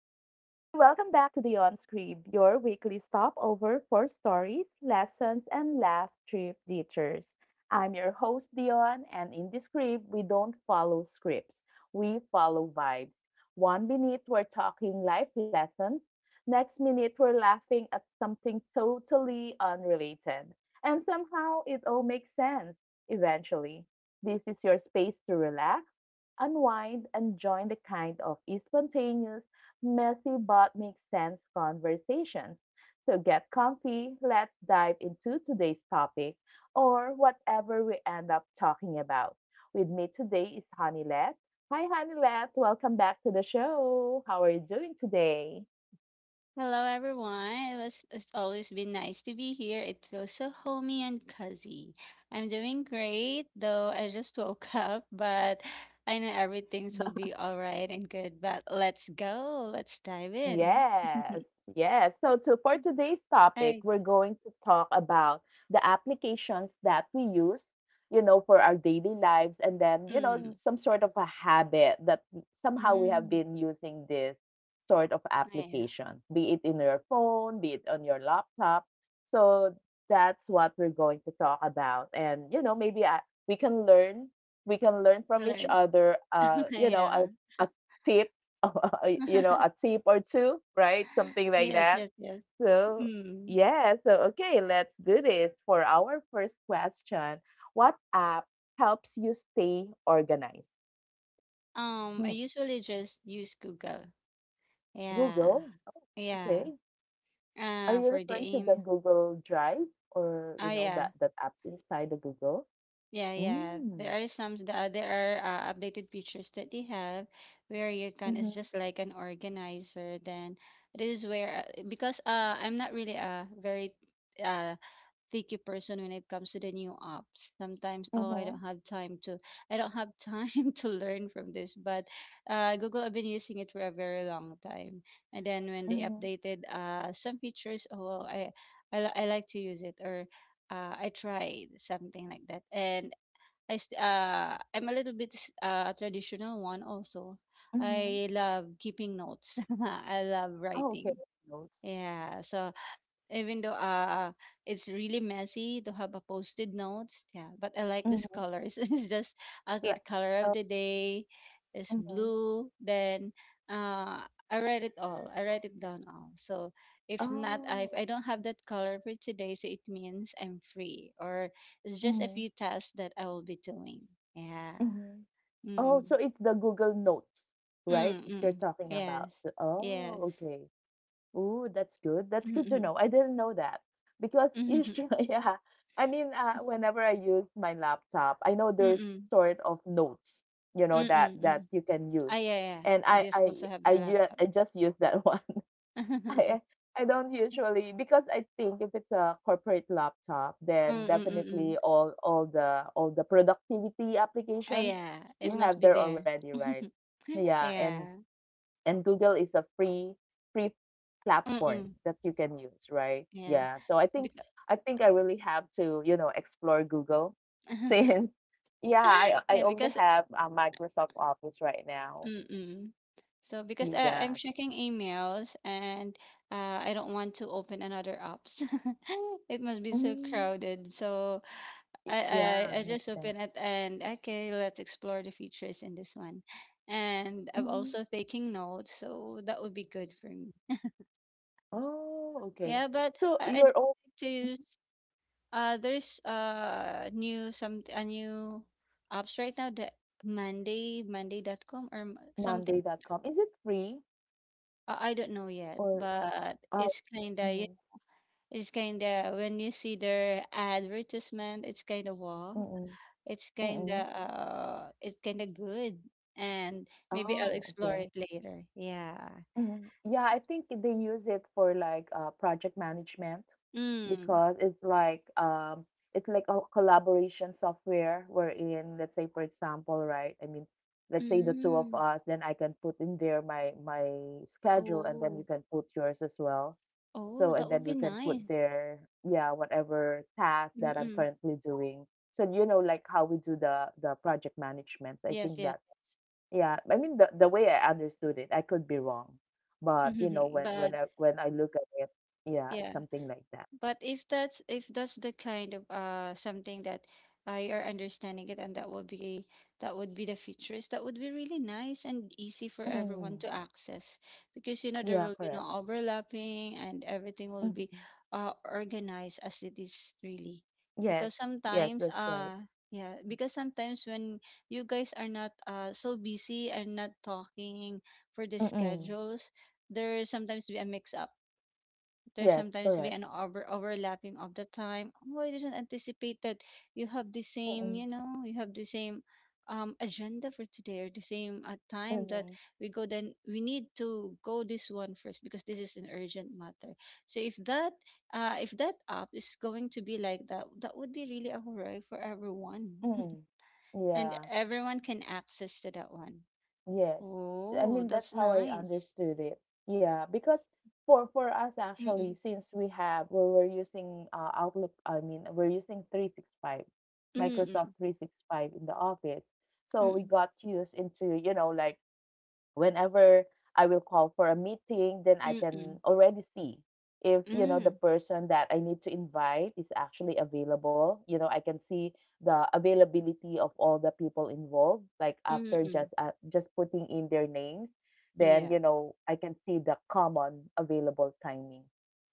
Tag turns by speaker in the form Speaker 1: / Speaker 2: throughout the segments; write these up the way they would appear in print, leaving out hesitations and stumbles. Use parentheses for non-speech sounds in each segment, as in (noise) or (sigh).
Speaker 1: welcome back to the On Scribe, your weekly stopover for stories, lessons, and laugh trip detours. I'm your host, Dion, and in this scribe, we don't follow scripts, we follow vibes. One minute, we're talking life lessons, next minute, we're laughing at something totally unrelated. And somehow, it all makes sense eventually. This is your space to relax unwind and join the kind of spontaneous, messy but makes sense conversations. So get comfy, let's dive into today's topic or whatever we end up talking about. With me today is Honeylet. Hi Honeylet, welcome back to the show. How are you doing today?
Speaker 2: Hello, everyone. It's always been nice to be here. It feels so homey and cozy. I'm doing great, though I just (laughs) woke up, but I know everything will be all right and good. But let's go. Let's dive in.
Speaker 1: Yes,
Speaker 2: (laughs)
Speaker 1: yes. So to for today's topic,
Speaker 2: I,
Speaker 1: we're going to talk about the applications that we use, you know, for our daily lives and then, you know,
Speaker 2: mm,
Speaker 1: some sort of a habit that somehow we have
Speaker 2: mm,
Speaker 1: been using this sort of
Speaker 2: yeah,
Speaker 1: application, be it in your phone, be it on your laptop. So that's what we're going to talk about. And, you know, maybe I, we can learn, we can learn from each
Speaker 2: learns.
Speaker 1: other,
Speaker 2: (laughs)
Speaker 1: you know,
Speaker 2: Yeah.
Speaker 1: a tip (laughs) you know, a
Speaker 2: (laughs)
Speaker 1: tip or two, right? Something like
Speaker 2: Yes,
Speaker 1: that.
Speaker 2: yes, yes.
Speaker 1: So,
Speaker 2: Mm.
Speaker 1: yeah, so okay, let's do this. For our first question, what app helps you stay organized?
Speaker 2: I
Speaker 1: Hmm,
Speaker 2: usually just use Google. Yeah.
Speaker 1: Google.
Speaker 2: Yeah.
Speaker 1: Okay. Are you
Speaker 2: For the
Speaker 1: referring to the
Speaker 2: aim.
Speaker 1: Google Drive or,
Speaker 2: Oh,
Speaker 1: you know,
Speaker 2: yeah.
Speaker 1: that app inside the Google?
Speaker 2: Yeah, yeah. There
Speaker 1: Mm.
Speaker 2: are some the, there are uh, updated features that they have where you can it's
Speaker 1: Mhm.
Speaker 2: just like an organizer. Then, this is where because I'm not really a very uh picky person when it comes to the new apps. Sometimes, oh, I don't
Speaker 1: Mhm.
Speaker 2: have time (laughs) to learn from this. But Google, I've been using it for a very long time. And then when they
Speaker 1: Mhm.
Speaker 2: updated some features, oh, I like to use it, or I tried something like that, and I'm a little bit a traditional one also.
Speaker 1: Mhm.
Speaker 2: I love keeping notes. (laughs) I love
Speaker 1: Oh, okay.
Speaker 2: writing.
Speaker 1: Notes.
Speaker 2: Yeah, so, even though it's really messy to have a posted notes, yeah, but I like these
Speaker 1: Mhm.
Speaker 2: colors. (laughs) It's just, okay,
Speaker 1: Like,
Speaker 2: the color of the day is
Speaker 1: mhm.
Speaker 2: blue, then uh I write it all, I write it down all, so if not,
Speaker 1: Oh.
Speaker 2: if I don't have that color for today, so it means I'm free, or it's just a
Speaker 1: Mhm.
Speaker 2: few tasks that I will be doing, yeah.
Speaker 1: Mhm. Oh,
Speaker 2: Mm,
Speaker 1: so it's the Google Notes,
Speaker 2: mm,
Speaker 1: right? That
Speaker 2: mm.
Speaker 1: you're talking about.
Speaker 2: Yes,
Speaker 1: Oh,
Speaker 2: yes.
Speaker 1: okay. Ooh, that's good. That's
Speaker 2: Mm,
Speaker 1: good to
Speaker 2: mm,
Speaker 1: know. I didn't know that because
Speaker 2: mm,
Speaker 1: usually, (laughs) yeah. I mean, whenever I use my laptop, I know there's
Speaker 2: mm,
Speaker 1: sort of notes, you know,
Speaker 2: mm,
Speaker 1: that
Speaker 2: mm.
Speaker 1: you can
Speaker 2: (laughs) Ah,
Speaker 1: use,
Speaker 2: yeah, yeah.
Speaker 1: and
Speaker 2: It
Speaker 1: I
Speaker 2: is
Speaker 1: I
Speaker 2: also have
Speaker 1: I,
Speaker 2: the
Speaker 1: ju-
Speaker 2: laptop.
Speaker 1: I just use that (laughs) one. I
Speaker 2: (laughs)
Speaker 1: I don't usually because I think if it's a corporate laptop,
Speaker 2: Mm,
Speaker 1: then
Speaker 2: mm, mm,
Speaker 1: definitely
Speaker 2: mm.
Speaker 1: all the productivity
Speaker 2: Ah,
Speaker 1: applications
Speaker 2: yeah. It
Speaker 1: you
Speaker 2: must
Speaker 1: have
Speaker 2: be
Speaker 1: there
Speaker 2: there.
Speaker 1: already, right?
Speaker 2: (laughs)
Speaker 1: Yeah,
Speaker 2: Yeah.
Speaker 1: and Google is a free
Speaker 2: Mm,
Speaker 1: platform
Speaker 2: mm.
Speaker 1: that you can use, right?
Speaker 2: Yeah.
Speaker 1: Yeah. So I think
Speaker 2: Because
Speaker 1: I really have to, you know, explore Google (laughs)
Speaker 2: (laughs)
Speaker 1: since yeah, I
Speaker 2: yeah,
Speaker 1: only
Speaker 2: because,
Speaker 1: have a Microsoft Office right now.
Speaker 2: mm, mm. So, because
Speaker 1: Yes.
Speaker 2: I'm checking emails and, I don't want to open another apps. (laughs) It must be so
Speaker 1: Mm,
Speaker 2: crowded. So,
Speaker 1: yeah,
Speaker 2: I
Speaker 1: makes
Speaker 2: just
Speaker 1: sense.
Speaker 2: open it and, okay, let's explore the features in this one. And I'm
Speaker 1: Mhm.
Speaker 2: also taking notes, so that would be good for me.
Speaker 1: Oh, okay.
Speaker 2: Yeah, but
Speaker 1: So
Speaker 2: I'd
Speaker 1: your own
Speaker 2: like to use, there's new some a new apps right now, the Monday.com, or something.
Speaker 1: Monday.com is it free
Speaker 2: I don't know yet,
Speaker 1: or
Speaker 2: but
Speaker 1: uh mm-hmm,
Speaker 2: it's kinda, when you see their advertisement, it's kinda wow.
Speaker 1: mm-mm,
Speaker 2: It's kinda
Speaker 1: mm-mm.
Speaker 2: uh, it's kinda good, and maybe I'll
Speaker 1: Oh,
Speaker 2: explore it
Speaker 1: okay.
Speaker 2: later. Yeah.
Speaker 1: Mhm. Yeah, I think they use it for like project management
Speaker 2: Mm.
Speaker 1: because it's like a collaboration software wherein, let's say for example, right? I mean, let's say the two of
Speaker 2: Mm.
Speaker 1: us, then I can put in there my schedule, and then you
Speaker 2: Oh.
Speaker 1: can put yours as well.
Speaker 2: Oh,
Speaker 1: So
Speaker 2: that
Speaker 1: and
Speaker 2: would
Speaker 1: then
Speaker 2: be
Speaker 1: we can put
Speaker 2: nice.
Speaker 1: there, yeah, whatever task that I'm
Speaker 2: Mm-mm.
Speaker 1: currently doing. So you know, like how we do the project management. I
Speaker 2: Yes,
Speaker 1: think
Speaker 2: yes.
Speaker 1: that's yeah, I mean the way I understood it, I could be wrong, but you know
Speaker 2: (laughs)
Speaker 1: when
Speaker 2: But
Speaker 1: I look at it, yeah, it's
Speaker 2: yeah.
Speaker 1: something like that.
Speaker 2: But if that's the kind of something that, you're understanding it, and that would be the features that would be really nice and easy for everyone
Speaker 1: Mm,
Speaker 2: to access, because, you know, there
Speaker 1: yeah,
Speaker 2: will be no
Speaker 1: correct.
Speaker 2: overlapping and everything will be
Speaker 1: Mhm.
Speaker 2: organized as it is, really. Because
Speaker 1: Yes, yes,
Speaker 2: sometimes
Speaker 1: that's right.
Speaker 2: yeah, because sometimes when you guys are not so busy and not talking for the
Speaker 1: Mm-mm.
Speaker 2: schedules, there sometimes be a mix up there
Speaker 1: Yes,
Speaker 2: sometimes be
Speaker 1: correct.
Speaker 2: an overlapping of the time. Oh, I didn't anticipate that you have the same, you
Speaker 1: Mm-mm.
Speaker 2: know, you have the same agenda for today, or the same time that
Speaker 1: Mm-mm.
Speaker 2: we go, then we need to go this one first because this is an urgent matter. So, if that app is going to be like that, that would be really a hooray for everyone. (laughs)
Speaker 1: Mm-mm.
Speaker 2: And
Speaker 1: Yeah.
Speaker 2: everyone can access to that one.
Speaker 1: Yes. I
Speaker 2: Oh,
Speaker 1: mean,
Speaker 2: that's
Speaker 1: that's how I
Speaker 2: nice.
Speaker 1: understood it. Yeah, because for us actually,
Speaker 2: Mm-mm.
Speaker 1: since we have we we're using Outlook, I mean, we're using 365, Microsoft
Speaker 2: Mm-mm.
Speaker 1: 365 in the office. So we
Speaker 2: Mm-mm.
Speaker 1: got used into, you know, like whenever I will call for a meeting, then I
Speaker 2: Mm-mm. Mm, mm, mm, mm, mm,
Speaker 1: can
Speaker 2: mm,
Speaker 1: already see if you know
Speaker 2: mm,
Speaker 1: the
Speaker 2: mm,
Speaker 1: person that I need to invite is actually available. You know, I can see the availability of all the people involved. Like
Speaker 2: mm,
Speaker 1: after
Speaker 2: mm.
Speaker 1: just putting in their names, then
Speaker 2: Yeah.
Speaker 1: you know I can see the common available timing.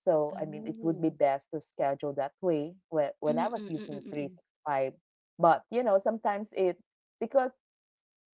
Speaker 1: So I mean, it would
Speaker 2: Oh.
Speaker 1: be best to schedule that way. When
Speaker 2: Mm,
Speaker 1: I was
Speaker 2: mm, mm,
Speaker 1: using three
Speaker 2: mm,
Speaker 1: six five, but you know sometimes it because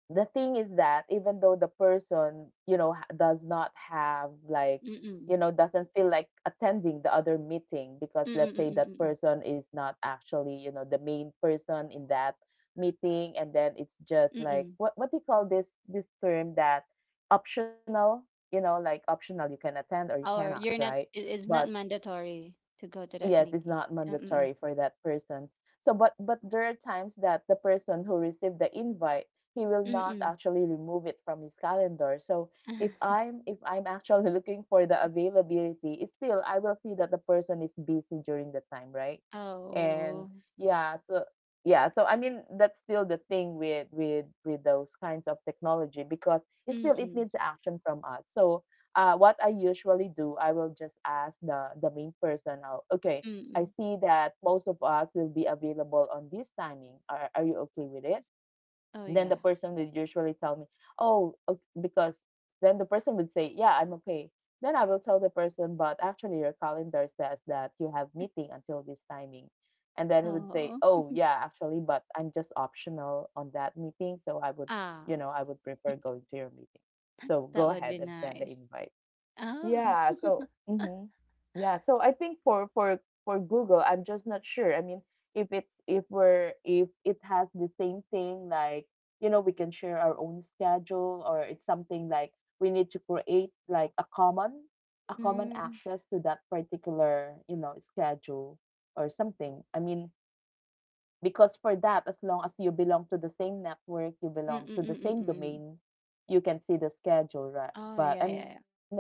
Speaker 1: the thing is that even though the person you know ha- does not have like
Speaker 2: mm, mm.
Speaker 1: you know doesn't feel like attending the other meeting because
Speaker 2: Mm, mm,
Speaker 1: let's
Speaker 2: mm,
Speaker 1: say
Speaker 2: mm, mm,
Speaker 1: that
Speaker 2: mm,
Speaker 1: person is not actually you know the main person in that meeting and then it's just
Speaker 2: mm,
Speaker 1: like
Speaker 2: mm.
Speaker 1: what do you call this term that optional you know like optional you can attend or you cannot
Speaker 2: Or you're
Speaker 1: right
Speaker 2: not, it's
Speaker 1: but
Speaker 2: not mandatory to go to
Speaker 1: yes
Speaker 2: that
Speaker 1: it's
Speaker 2: meeting.
Speaker 1: not
Speaker 2: Mm,
Speaker 1: mandatory
Speaker 2: mm,
Speaker 1: for that person so but there are times that the person who received the invite he will
Speaker 2: mm,
Speaker 1: not
Speaker 2: mm.
Speaker 1: actually remove it from his calendar. So if
Speaker 2: (laughs)
Speaker 1: i'm if i'm actually (laughs) looking for the availability it's still I will see that the person is busy during the time, right? And
Speaker 2: Oh.
Speaker 1: yeah, so yeah, so I mean that's still the thing with those kinds of technology because it
Speaker 2: Mm,
Speaker 1: still it
Speaker 2: mm,
Speaker 1: needs action from us. So what I usually do, I will just ask the main person out. Okay,
Speaker 2: mm,
Speaker 1: I
Speaker 2: mm.
Speaker 1: see that most of us will be available on this timing. Are you okay with it?
Speaker 2: Oh,
Speaker 1: Then the
Speaker 2: yeah.
Speaker 1: person would usually tell me, oh, ok- because then the person would say, yeah, I'm okay. Then I will tell the person, but actually your calendar says that you have meeting until this timing. And then it would say,
Speaker 2: Oh.
Speaker 1: oh, yeah, actually, but I'm just optional on that meeting. So I would, you
Speaker 2: Ah,
Speaker 1: know, I would prefer going to your meeting. So
Speaker 2: that
Speaker 1: go
Speaker 2: would
Speaker 1: ahead
Speaker 2: be
Speaker 1: and send the
Speaker 2: nice.
Speaker 1: invite.
Speaker 2: Oh.
Speaker 1: Yeah, so mhm. Yeah, so I think for Google, I'm just not sure. I mean, if it's if we're if it has the same thing like, you know, we can share our own schedule or it's something like we need to create like a common
Speaker 2: Mm,
Speaker 1: access to that particular, you know, schedule or something. I mean, because for that, as long as you belong to the same network, you
Speaker 2: mm,
Speaker 1: belong to
Speaker 2: mm,
Speaker 1: the
Speaker 2: mm, mm,
Speaker 1: same
Speaker 2: mm.
Speaker 1: domain, you can see the schedule, right?
Speaker 2: Oh,
Speaker 1: But
Speaker 2: yeah, yeah,
Speaker 1: I'm not
Speaker 2: yeah.
Speaker 1: sure about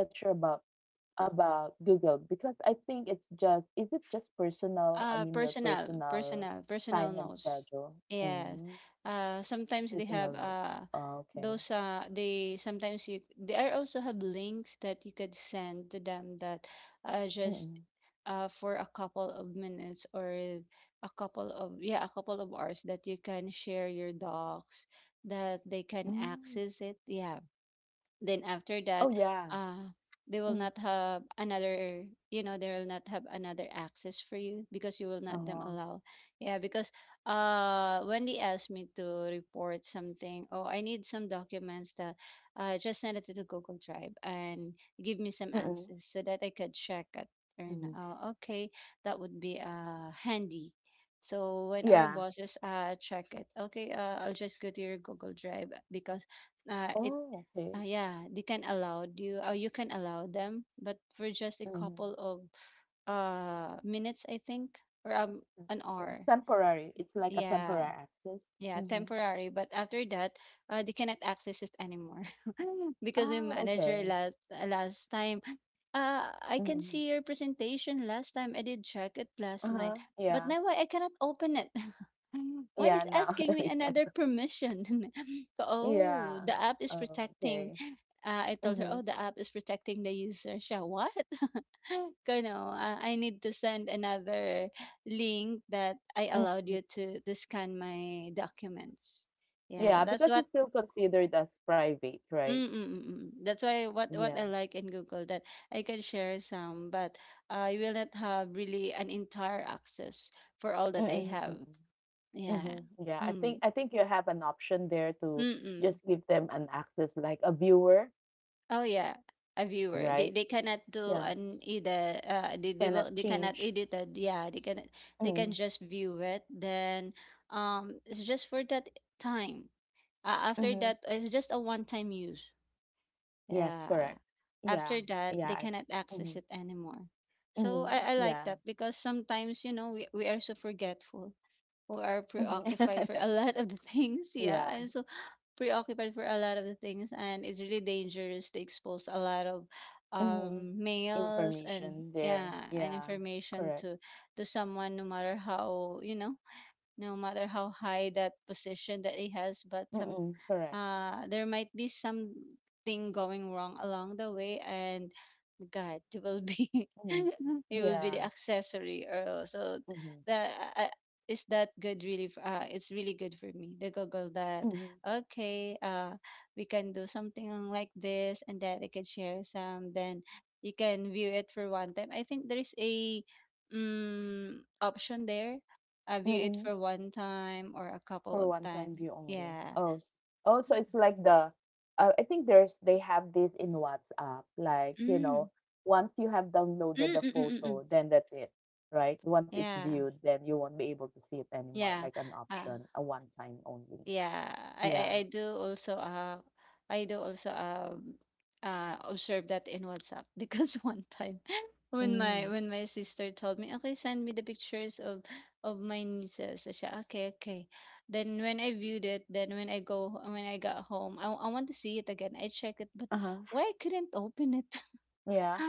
Speaker 1: Google because I think it's just is it just personal? I mean your personal time and
Speaker 2: Personal
Speaker 1: schedule.
Speaker 2: notes.
Speaker 1: Mm,
Speaker 2: Yes.
Speaker 1: personal
Speaker 2: Sometimes
Speaker 1: notes.
Speaker 2: they have
Speaker 1: Oh, okay.
Speaker 2: those they sometimes you they are also have links that you could send to them, that
Speaker 1: Mm-mm.
Speaker 2: just for a couple of minutes, or a couple of hours, that you can share your docs, that they can
Speaker 1: Mm.
Speaker 2: access it. Yeah, then after
Speaker 1: Oh
Speaker 2: that,
Speaker 1: yeah.
Speaker 2: uh they
Speaker 1: Mm.
Speaker 2: will not have another they will not have another access for you, because you will not
Speaker 1: Uh-huh.
Speaker 2: them allow. Yeah, because when they asked me to report something, oh, I need some documents, that, just send it to the Google Drive and give me some
Speaker 1: Mm-mm.
Speaker 2: access so that I could check it.
Speaker 1: Mm-hmm.
Speaker 2: And, okay, that would be handy. So, when our
Speaker 1: Yeah.
Speaker 2: bosses check it, okay, I'll just go to your Google Drive because it
Speaker 1: Oh okay.
Speaker 2: yeah, they can allow you, or you can allow them, but for just a
Speaker 1: Mm-hmm.
Speaker 2: couple of minutes, I think, or an
Speaker 1: Okay.
Speaker 2: hour.
Speaker 1: Temporary. It's like a
Speaker 2: Yeah,
Speaker 1: temporary access.
Speaker 2: yeah,
Speaker 1: Mm-hmm.
Speaker 2: temporary. But after that, they cannot access it anymore (laughs) because the
Speaker 1: Oh
Speaker 2: manager,
Speaker 1: okay.
Speaker 2: last time, I can
Speaker 1: Mm-mm.
Speaker 2: see your presentation last time. I did check it last
Speaker 1: Uh-huh.
Speaker 2: night, but
Speaker 1: Yeah.
Speaker 2: now I cannot open it. Mm. Why
Speaker 1: Yeah.
Speaker 2: is
Speaker 1: Now. (laughs)
Speaker 2: asking me
Speaker 1: okay.
Speaker 2: another permission? (laughs) Oh,
Speaker 1: Yeah.
Speaker 2: the app is protecting.
Speaker 1: Okay.
Speaker 2: I told her, oh, the app is protecting the user. Siya, what? (laughs) Kano, I need to send another link that I allowed
Speaker 1: Mm-hmm.
Speaker 2: you to scan my documents. Yeah,
Speaker 1: Yeah,
Speaker 2: that's
Speaker 1: because
Speaker 2: what.
Speaker 1: it's still considered as private, right?
Speaker 2: Mm, mm, mm, mm. That's why, what
Speaker 1: Yeah.
Speaker 2: I like in Google, that I can share some, but, you will not have really an entire access for all that I
Speaker 1: Mm-mm,
Speaker 2: have.
Speaker 1: mm-mm.
Speaker 2: Yeah.
Speaker 1: Mm-hmm. Yeah,
Speaker 2: Mm.
Speaker 1: I think you have an option there to just
Speaker 2: Mm-mm.
Speaker 1: give them an access like a viewer,
Speaker 2: Oh yeah, a viewer. They
Speaker 1: right?
Speaker 2: they cannot do
Speaker 1: Yeah.
Speaker 2: an edit. They
Speaker 1: Cannot
Speaker 2: will they cannot
Speaker 1: change.
Speaker 2: edit it. Yeah, they
Speaker 1: Mm-hmm.
Speaker 2: can just view it. Then, it's just for that time. After
Speaker 1: Mm-hmm.
Speaker 2: that, it's just a one-time use.
Speaker 1: Yes,
Speaker 2: Yeah.
Speaker 1: correct. Yeah.
Speaker 2: After that, they
Speaker 1: Yeah.
Speaker 2: cannot access
Speaker 1: Mm-hmm.
Speaker 2: it anymore. So,
Speaker 1: Mm-hmm.
Speaker 2: I like
Speaker 1: Yeah.
Speaker 2: that because sometimes, you know, we are so forgetful, who are
Speaker 1: Mm-hmm.
Speaker 2: preoccupied for
Speaker 1: (laughs)
Speaker 2: a lot of the (laughs) things. Yeah,
Speaker 1: Yeah.
Speaker 2: I'm so preoccupied for a lot of the things, and it's really dangerous to expose a lot of
Speaker 1: Mm-hmm.
Speaker 2: mails and,
Speaker 1: Information there.
Speaker 2: yeah, and
Speaker 1: Yeah.
Speaker 2: information
Speaker 1: Correct.
Speaker 2: to someone, no matter how, you know, no matter how high that position that he has. But some,
Speaker 1: Mm-mm. Correct.
Speaker 2: there might be something going wrong along the way, and, god, you will be
Speaker 1: Mm-hmm.
Speaker 2: (laughs) you will be
Speaker 1: Yeah.
Speaker 2: the accessory, or so,
Speaker 1: Mm-hmm.
Speaker 2: that, uh, uh, is that good really f- it's really good for me, the Google, that,
Speaker 1: Mm-hmm.
Speaker 2: okay, we can do something like this, and that I can share some, then you can view it for one time. I think there's a option there. View it
Speaker 1: Mm-hmm.
Speaker 2: for one time or a couple
Speaker 1: For
Speaker 2: of
Speaker 1: one-time
Speaker 2: times,
Speaker 1: view only.
Speaker 2: yeah.
Speaker 1: Oh, so it's like the, I think there's they have this in WhatsApp. Like, you
Speaker 2: Mm.
Speaker 1: know, once you have downloaded
Speaker 2: Mm,
Speaker 1: the
Speaker 2: mm, mm, mm, mm.
Speaker 1: photo, then that's it, right? Once it's
Speaker 2: Yeah.
Speaker 1: viewed, then you won't be able to see it anymore.
Speaker 2: Yeah.
Speaker 1: Like an
Speaker 2: Uh,
Speaker 1: option, a one-time only.
Speaker 2: yeah.
Speaker 1: Yeah.
Speaker 2: I do also I do also um observe that in WhatsApp (laughs) because one time (laughs)
Speaker 1: Mm.
Speaker 2: when my sister told me, "Okay, send me the pictures of my nieces." I said, "Okay, okay." Then when I viewed it, then when I got home, I want to see it again. I check it, but
Speaker 1: Uh-huh.
Speaker 2: why I couldn't open it? (laughs)
Speaker 1: Yeah.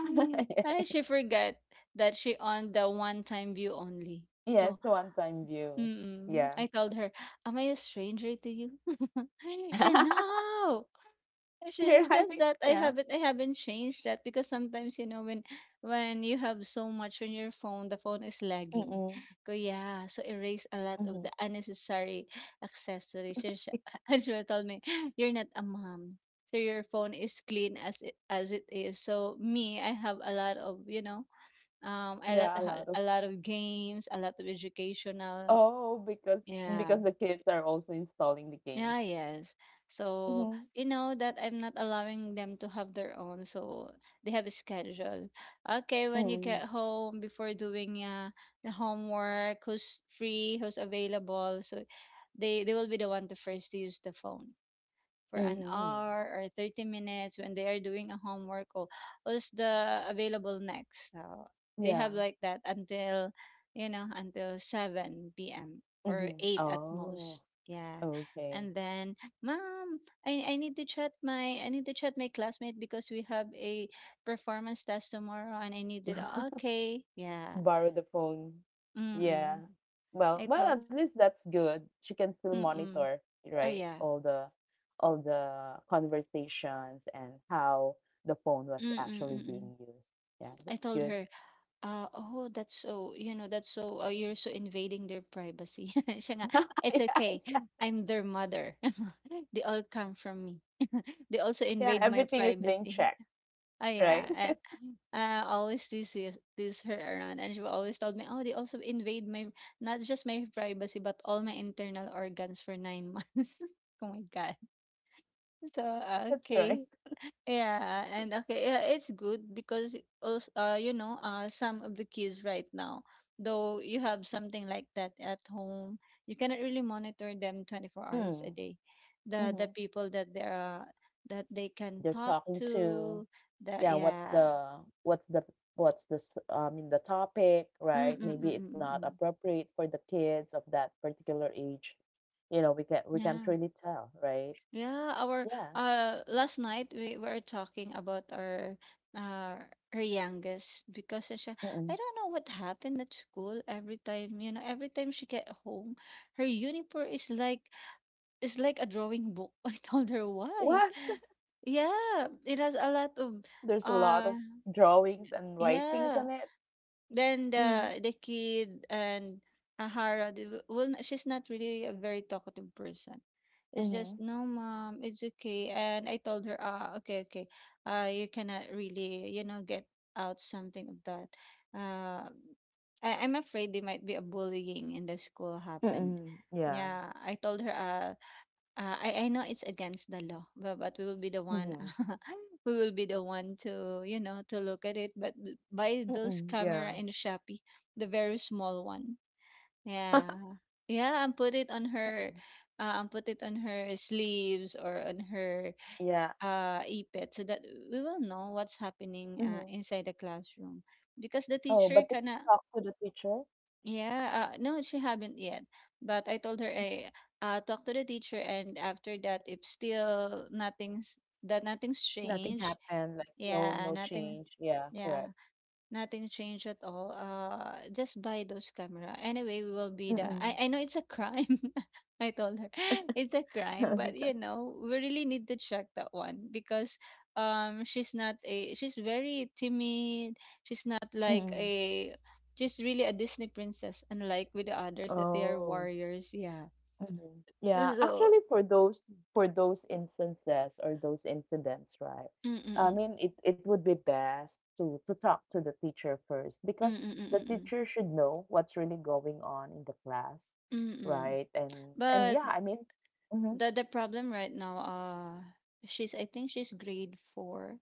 Speaker 2: I
Speaker 1: (laughs)
Speaker 2: She forgot that she on the one time view only.
Speaker 1: Yes,
Speaker 2: So.
Speaker 1: one-time view.
Speaker 2: Mm.
Speaker 1: Yeah.
Speaker 2: I told her, "Am I a stranger to you?" (laughs) She said,
Speaker 1: (laughs)
Speaker 2: "No."
Speaker 1: You're
Speaker 2: It's just
Speaker 1: right.
Speaker 2: that
Speaker 1: Yeah.
Speaker 2: I haven't changed that because sometimes, you know, when you have so much on your phone, the phone is lagging.
Speaker 1: Mm-mm.
Speaker 2: Ko yeah, so erase a lot
Speaker 1: Mm-hmm.
Speaker 2: of the unnecessary accessories. (laughs) And she told me, "You're not a mom." So your phone is clean as it is. So me, I have a lot of, you know, um, a lot
Speaker 1: Yeah, a lot of.
Speaker 2: a lot of games, a lot of educational,
Speaker 1: Oh,
Speaker 2: yeah.
Speaker 1: because the kids are also installing the games.
Speaker 2: Yeah, yes. So,
Speaker 1: Mhm,
Speaker 2: you know that I'm not allowing them to have their own, so they have a schedule. Okay, when you
Speaker 1: mm,
Speaker 2: get home, before doing, the homework, who's free, who's available, so they will be the one to first use the phone for an
Speaker 1: mhm,
Speaker 2: hour or 30 minutes when they are doing a homework or what's the available next. So they
Speaker 1: yeah,
Speaker 2: have like that until, you know, until 7 p.m. or
Speaker 1: mhm.
Speaker 2: 8 at
Speaker 1: Oh,
Speaker 2: most. Yeah.
Speaker 1: okay.
Speaker 2: And then, "Mom, I need to chat my I need to chat my classmate because we have a performance test tomorrow and I needed."
Speaker 1: (laughs)
Speaker 2: Okay. Yeah.
Speaker 1: Borrow the phone. Yeah.
Speaker 2: Mm-mm.
Speaker 1: Well,
Speaker 2: I
Speaker 1: well, at
Speaker 2: told.
Speaker 1: least that's good. She can still monitor,
Speaker 2: Mm-mm. Oh
Speaker 1: right?
Speaker 2: yeah.
Speaker 1: All the conversations and how the phone was actually being
Speaker 2: Mm-mm-mm.
Speaker 1: used. Yeah, that's
Speaker 2: I
Speaker 1: good.
Speaker 2: told her. Ah, oh, that's so, you know, you're so invading their privacy. (laughs)
Speaker 1: (laughs)
Speaker 2: Siya nga,
Speaker 1: Yeah,
Speaker 2: it's
Speaker 1: exactly.
Speaker 2: okay. I'm their mother. (laughs) They all come from me. (laughs) They also
Speaker 1: Yeah,
Speaker 2: invade my
Speaker 1: everything is being
Speaker 2: privacy.
Speaker 1: checked,
Speaker 2: (laughs) Oh,
Speaker 1: right? (laughs)
Speaker 2: yeah. I always tease, this tease her around, and she always told me, oh, they also invade my, not just my privacy, but all my internal organs for 9 months. (laughs) Oh my God. So,
Speaker 1: That's right.
Speaker 2: okay. Yeah, and okay, yeah, it's good because also, some of the kids right now, though you have something like that at home, you cannot really monitor them 24 hours a
Speaker 1: Mm,
Speaker 2: day. The
Speaker 1: mhm.
Speaker 2: people that they are that they can
Speaker 1: They're
Speaker 2: talk
Speaker 1: talking to
Speaker 2: to, that
Speaker 1: yeah
Speaker 2: yeah,
Speaker 1: what's the what's the s- I mean the topic,
Speaker 2: mm
Speaker 1: right?
Speaker 2: mm
Speaker 1: Maybe
Speaker 2: mm mm
Speaker 1: it's
Speaker 2: mm,
Speaker 1: not
Speaker 2: mm.
Speaker 1: appropriate for the kids of that particular age, you know, we can we can't
Speaker 2: Yeah.
Speaker 1: really tell, right?
Speaker 2: Yeah, our
Speaker 1: Yeah.
Speaker 2: last night we were talking about our uh her youngest because she I
Speaker 1: Mm-mm.
Speaker 2: don't know what happened at school every time, you know, every time she get home, her uniform is like a drawing book. (laughs) I told her why.
Speaker 1: What?
Speaker 2: Yeah, it has a lot of
Speaker 1: (laughs) There's a lot
Speaker 2: uh
Speaker 1: of drawings and writings
Speaker 2: yeah.
Speaker 1: on it.
Speaker 2: Then
Speaker 1: Mm-hmm.
Speaker 2: the kid and Ahara, they w- will n- she's not really a very talkative person. It's
Speaker 1: Mm-hmm.
Speaker 2: just no, mom, it's okay. And I told her, ah, okay, okay, you cannot really, you know, get out something of that. Uh, I'm afraid there might be a bullying in the school happened.
Speaker 1: Mm-mm. Yeah.
Speaker 2: Yeah, I told her, "Ah, I know it's against the law, but we will be the one,
Speaker 1: Mm-hmm.
Speaker 2: (laughs) we will be the one to you know to look at it. But buy those
Speaker 1: Mm-mm. Yeah.
Speaker 2: camera in Shopee, the very small one.
Speaker 1: (laughs)
Speaker 2: Yeah, yeah, and put it on her, and put it on her sleeves or on her
Speaker 1: Yeah.
Speaker 2: ipad, so that we will know what's happening
Speaker 1: Mm-hmm.
Speaker 2: inside the classroom, because the
Speaker 1: Oh but
Speaker 2: teacher
Speaker 1: did you
Speaker 2: cannot.
Speaker 1: talk to the teacher?
Speaker 2: Yeah, no, she haven't yet. But I told her I talk to the teacher, and after that, if still nothing's
Speaker 1: Nothing
Speaker 2: changed,
Speaker 1: happened like no
Speaker 2: yeah,
Speaker 1: no
Speaker 2: nothing,
Speaker 1: change yeah correct.
Speaker 2: yeah, nothing changed at all. Just buy those camera. Anyway, we will be the.
Speaker 1: Mm-mm.
Speaker 2: I know it's a crime. (laughs) I told her (laughs) it's a crime, but you
Speaker 1: (laughs)
Speaker 2: know we really need to check that one because she's very timid. She's not like
Speaker 1: Mm-mm.
Speaker 2: a she's really a Disney princess, unlike with the others that they are
Speaker 1: Oh,
Speaker 2: warriors. Yeah.
Speaker 1: mhm. Yeah,
Speaker 2: So
Speaker 1: actually for those instances or those incidents, right?
Speaker 2: mm
Speaker 1: I
Speaker 2: mm
Speaker 1: mean, it would be best to talk to the teacher first because
Speaker 2: mm mm mm
Speaker 1: the
Speaker 2: mm mm
Speaker 1: teacher should know what's really going on in the class,
Speaker 2: mm. Mm.
Speaker 1: right? And
Speaker 2: But
Speaker 1: yeah, I mean, mm-hmm,
Speaker 2: the problem right now she's I think she's grade four.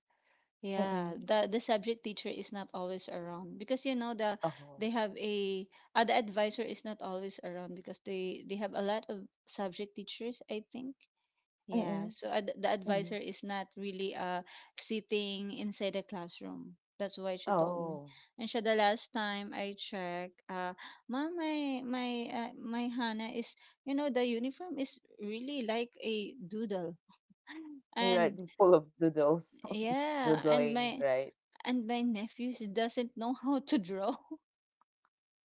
Speaker 1: mm-mm,
Speaker 2: Yeah, the subject teacher is not always around because you know the
Speaker 1: oh,
Speaker 2: they have a the advisor is not always around because they have a lot of subject teachers, I think. Yeah,
Speaker 1: mm-mm,
Speaker 2: so ad the advisor
Speaker 1: mm-mm,
Speaker 2: is not really sitting inside the classroom. That's why she told me.
Speaker 1: oh,
Speaker 2: And siya the last time I checked, mom, my Hannah is, you know, the uniform is really like a doodle. (laughs) And
Speaker 1: like full of doodles, (laughs)
Speaker 2: yeah,
Speaker 1: doodling, right?
Speaker 2: and my nephew doesn't know how to draw.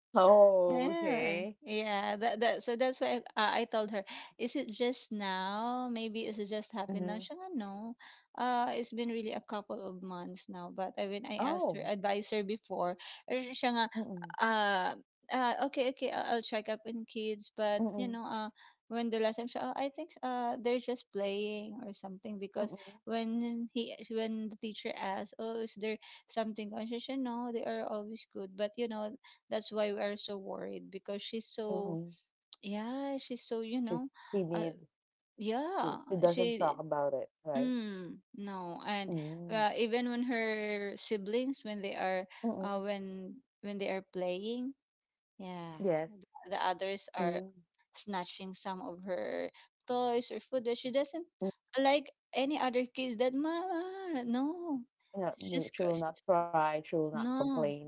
Speaker 1: Oh,
Speaker 2: Yeah,
Speaker 1: okay.
Speaker 2: yeah. That's why I told her, is it just now? Maybe is it just happened
Speaker 1: Mm-hmm.
Speaker 2: now? She nga, no. It's been really a couple of months now. But I, when I asked
Speaker 1: Oh,
Speaker 2: her, advised her before, eh, she siya nga,
Speaker 1: mm-mm,
Speaker 2: uh, okay, okay, I'll check up on kids. But you
Speaker 1: mm-mm,
Speaker 2: know, when the last time she, oh, I think they're just playing or something because
Speaker 1: mm-mm.
Speaker 2: when the teacher asked, oh, is there something conscious? No, they are always good. But you know, that's why we are so worried because she's so
Speaker 1: Mhm.
Speaker 2: (tsk) yeah, she's so you
Speaker 1: She's
Speaker 2: know, uh,
Speaker 1: timid.
Speaker 2: yeah,
Speaker 1: She doesn't talk
Speaker 2: she
Speaker 1: about it, right?
Speaker 2: mm, no, and
Speaker 1: Mm.
Speaker 2: even when her siblings when they are uh,
Speaker 1: Mm-mm.
Speaker 2: when when they are playing, yeah,
Speaker 1: Yes.
Speaker 2: the others are
Speaker 1: Mm.
Speaker 2: snatching some of her toys or food that she doesn't
Speaker 1: Mm.
Speaker 2: like any other kids that mama no
Speaker 1: Yeah,
Speaker 2: it's
Speaker 1: no,
Speaker 2: just
Speaker 1: she will
Speaker 2: crushes
Speaker 1: not cry. She will not
Speaker 2: no
Speaker 1: complain.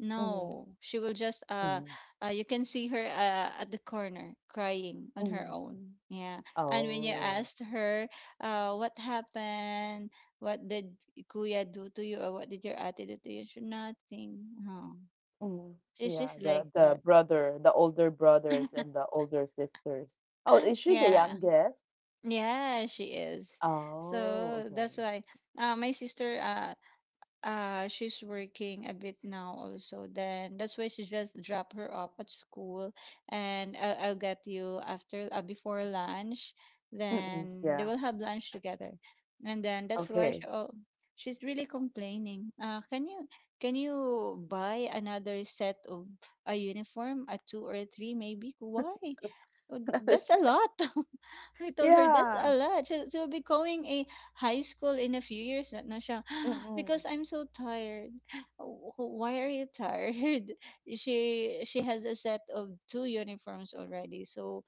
Speaker 1: Mm-hmm.
Speaker 2: she will just
Speaker 1: Mm.
Speaker 2: you can see her at the corner crying on
Speaker 1: Mm-hmm.
Speaker 2: her own. Yeah. And when you
Speaker 1: Oh.
Speaker 2: asked her what happened, what did Kuya do to you or what did your ate do to you? She nothing. Oh.
Speaker 1: Mm.
Speaker 2: She's
Speaker 1: Yeah,
Speaker 2: just like
Speaker 1: the
Speaker 2: that.
Speaker 1: brother, the older brothers and the older sisters. Oh, is she the
Speaker 2: Yeah.
Speaker 1: youngest?
Speaker 2: Yeah, she is.
Speaker 1: Oh,
Speaker 2: So
Speaker 1: okay.
Speaker 2: that's why my sister she's working a bit now also then that's why she just drop her off at school and I'll get you after before lunch
Speaker 1: Mm-mm.
Speaker 2: then they
Speaker 1: Yeah.
Speaker 2: will have lunch together and then that's why
Speaker 1: Okay.
Speaker 2: she, oh, she's really complaining can you buy another set of a uniform a two or a three maybe why "Oh,
Speaker 1: (laughs) Another
Speaker 2: that's a
Speaker 1: set.
Speaker 2: lot. (laughs) I told her that's
Speaker 1: Yeah.
Speaker 2: a lot. She'll be going a high school in a few years na, na siya. (gasps)
Speaker 1: Mm-mm.
Speaker 2: Because I'm so tired. (gasps) Oh, why are you tired? (laughs) She has a set of two uniforms already. So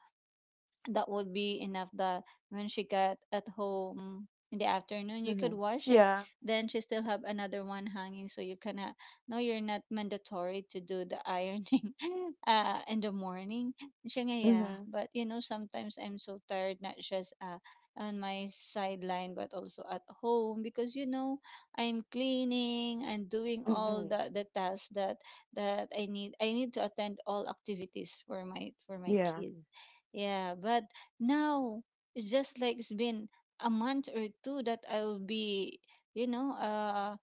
Speaker 2: that would be enough that when she got at home in the afternoon you could
Speaker 1: Mm-hmm.
Speaker 2: wash it
Speaker 1: Yeah.
Speaker 2: then she still have another one hanging so you cannot no you're not mandatory to do the ironing (laughs) in the morning. And siya nga, yeah
Speaker 1: Mm-hmm.
Speaker 2: but you know sometimes I'm so tired not just on my sideline but also at home because you know I'm cleaning and doing all
Speaker 1: Mm-mm.
Speaker 2: the tasks that I need to attend all activities for my
Speaker 1: Yeah.
Speaker 2: kids. Yeah, but now it's just like it's been a month or two that I'll be, you know,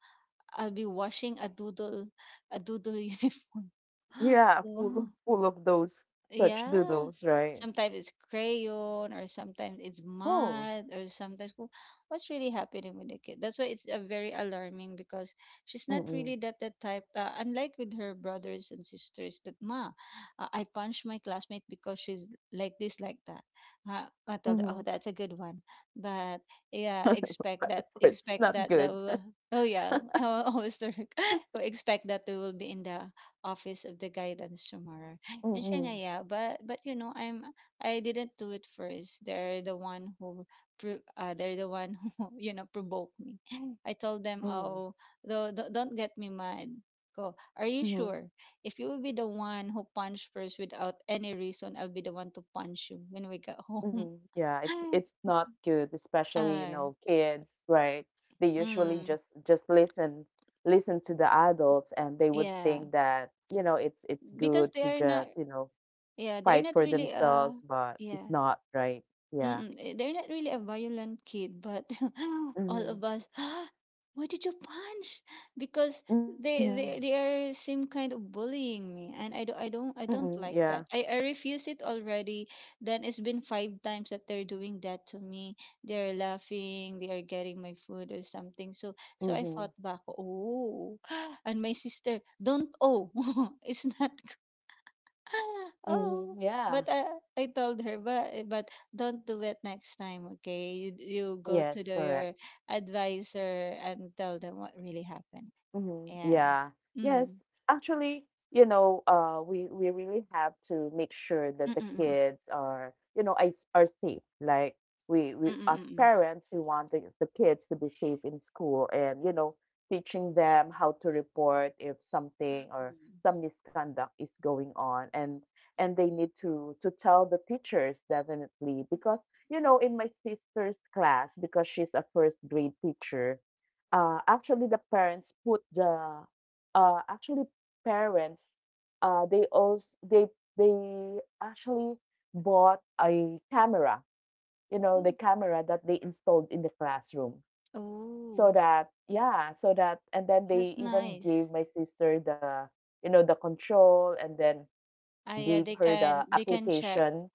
Speaker 2: I'll be washing a doodle (laughs) uniform. (gasps)
Speaker 1: Yeah, full
Speaker 2: Yeah.
Speaker 1: of those such
Speaker 2: Yeah.
Speaker 1: doodles, right?
Speaker 2: Sometimes it's crayon, or sometimes it's
Speaker 1: Oh.
Speaker 2: mud, or sometimes "Wh- what's really happening with the kid. That's why it's a very alarming because she's not really
Speaker 1: Mm-mm.
Speaker 2: that type. Unlike with her brothers and sisters, that ma, I punched my classmate because she's like this, like that. I told her, oh,
Speaker 1: Mm-hmm.
Speaker 2: that's a good one, but
Speaker 1: (laughs)
Speaker 2: yeah,
Speaker 1: But of course, it's
Speaker 2: expect
Speaker 1: not
Speaker 2: that
Speaker 1: good.
Speaker 2: that will. Oh yeah, (laughs) I always (laughs) expect that we will be in the office of the guidance tomorrow in China,
Speaker 1: Mm-mm.
Speaker 2: yeah, but you know, I didn't do it first. They're the one who, they're the one (laughs) who you know provoked me. (laughs) I told them,
Speaker 1: Mm-mm.
Speaker 2: oh, though, don't get me mad. Go. Are you
Speaker 1: Mm-hmm.
Speaker 2: sure? If you will be the one who punch first without any reason, I'll be the one to punch you when we get home.
Speaker 1: Mm-hmm. Yeah,
Speaker 2: (laughs)
Speaker 1: it's not good, especially, you
Speaker 2: uh,
Speaker 1: know, kids, right? They usually
Speaker 2: mm,
Speaker 1: just listen to the adults and they would
Speaker 2: yeah,
Speaker 1: think that, you know, it's
Speaker 2: because
Speaker 1: good
Speaker 2: they
Speaker 1: to
Speaker 2: are not.
Speaker 1: just, you know,
Speaker 2: Yeah, they're
Speaker 1: fight
Speaker 2: not
Speaker 1: for
Speaker 2: really.
Speaker 1: themselves, but
Speaker 2: Yeah.
Speaker 1: it's not, right? Yeah.
Speaker 2: Mm, eh, they're not really a violent kid, but (laughs) all
Speaker 1: Mm-hmm.
Speaker 2: of us, (gasps) ah, why did you punch? Because
Speaker 1: Mm-hmm.
Speaker 2: they are same kind of bullying me, and I
Speaker 1: Mm-mm.
Speaker 2: don't
Speaker 1: Yeah.
Speaker 2: like that. I refuse it already. Then it's been five times that they're doing that to me. They're laughing, they are getting my food or something. So I
Speaker 1: Mm-hmm.
Speaker 2: fought back. Oh, (gasps) and my sister, don't oh, (laughs) it's not (laughs) oh,
Speaker 1: Mm-hmm. Yeah.
Speaker 2: but I told her, but don't do it next time, okay? You go
Speaker 1: Yes,
Speaker 2: to the, your
Speaker 1: correct.
Speaker 2: advisor and tell them what really happened.
Speaker 1: Hmm,
Speaker 2: Yeah.
Speaker 1: yeah. Yes.
Speaker 2: Mm.
Speaker 1: Actually, we really have to make sure that the
Speaker 2: Mm-mm-mm.
Speaker 1: kids are, you know, are safe. Like we as
Speaker 2: Mm-mm-mm.
Speaker 1: parents, we want the kids to be safe in school, and you know, teaching them how to report if something or
Speaker 2: Mm-mm.
Speaker 1: some misconduct is going on, and they need to tell the teachers definitely because you know, in my sister's class, because she's a first grade teacher. Actually, the parents put the actually parents they also they actually bought a camera, you know, the
Speaker 2: Oh,
Speaker 1: camera that they installed in the classroom,
Speaker 2: oh,
Speaker 1: so that yeah, so that and then
Speaker 2: that's
Speaker 1: they even
Speaker 2: nice.
Speaker 1: gave my sister the, you know, the control, and then
Speaker 2: Ah, yeah,
Speaker 1: gave her the
Speaker 2: they can check.
Speaker 1: application,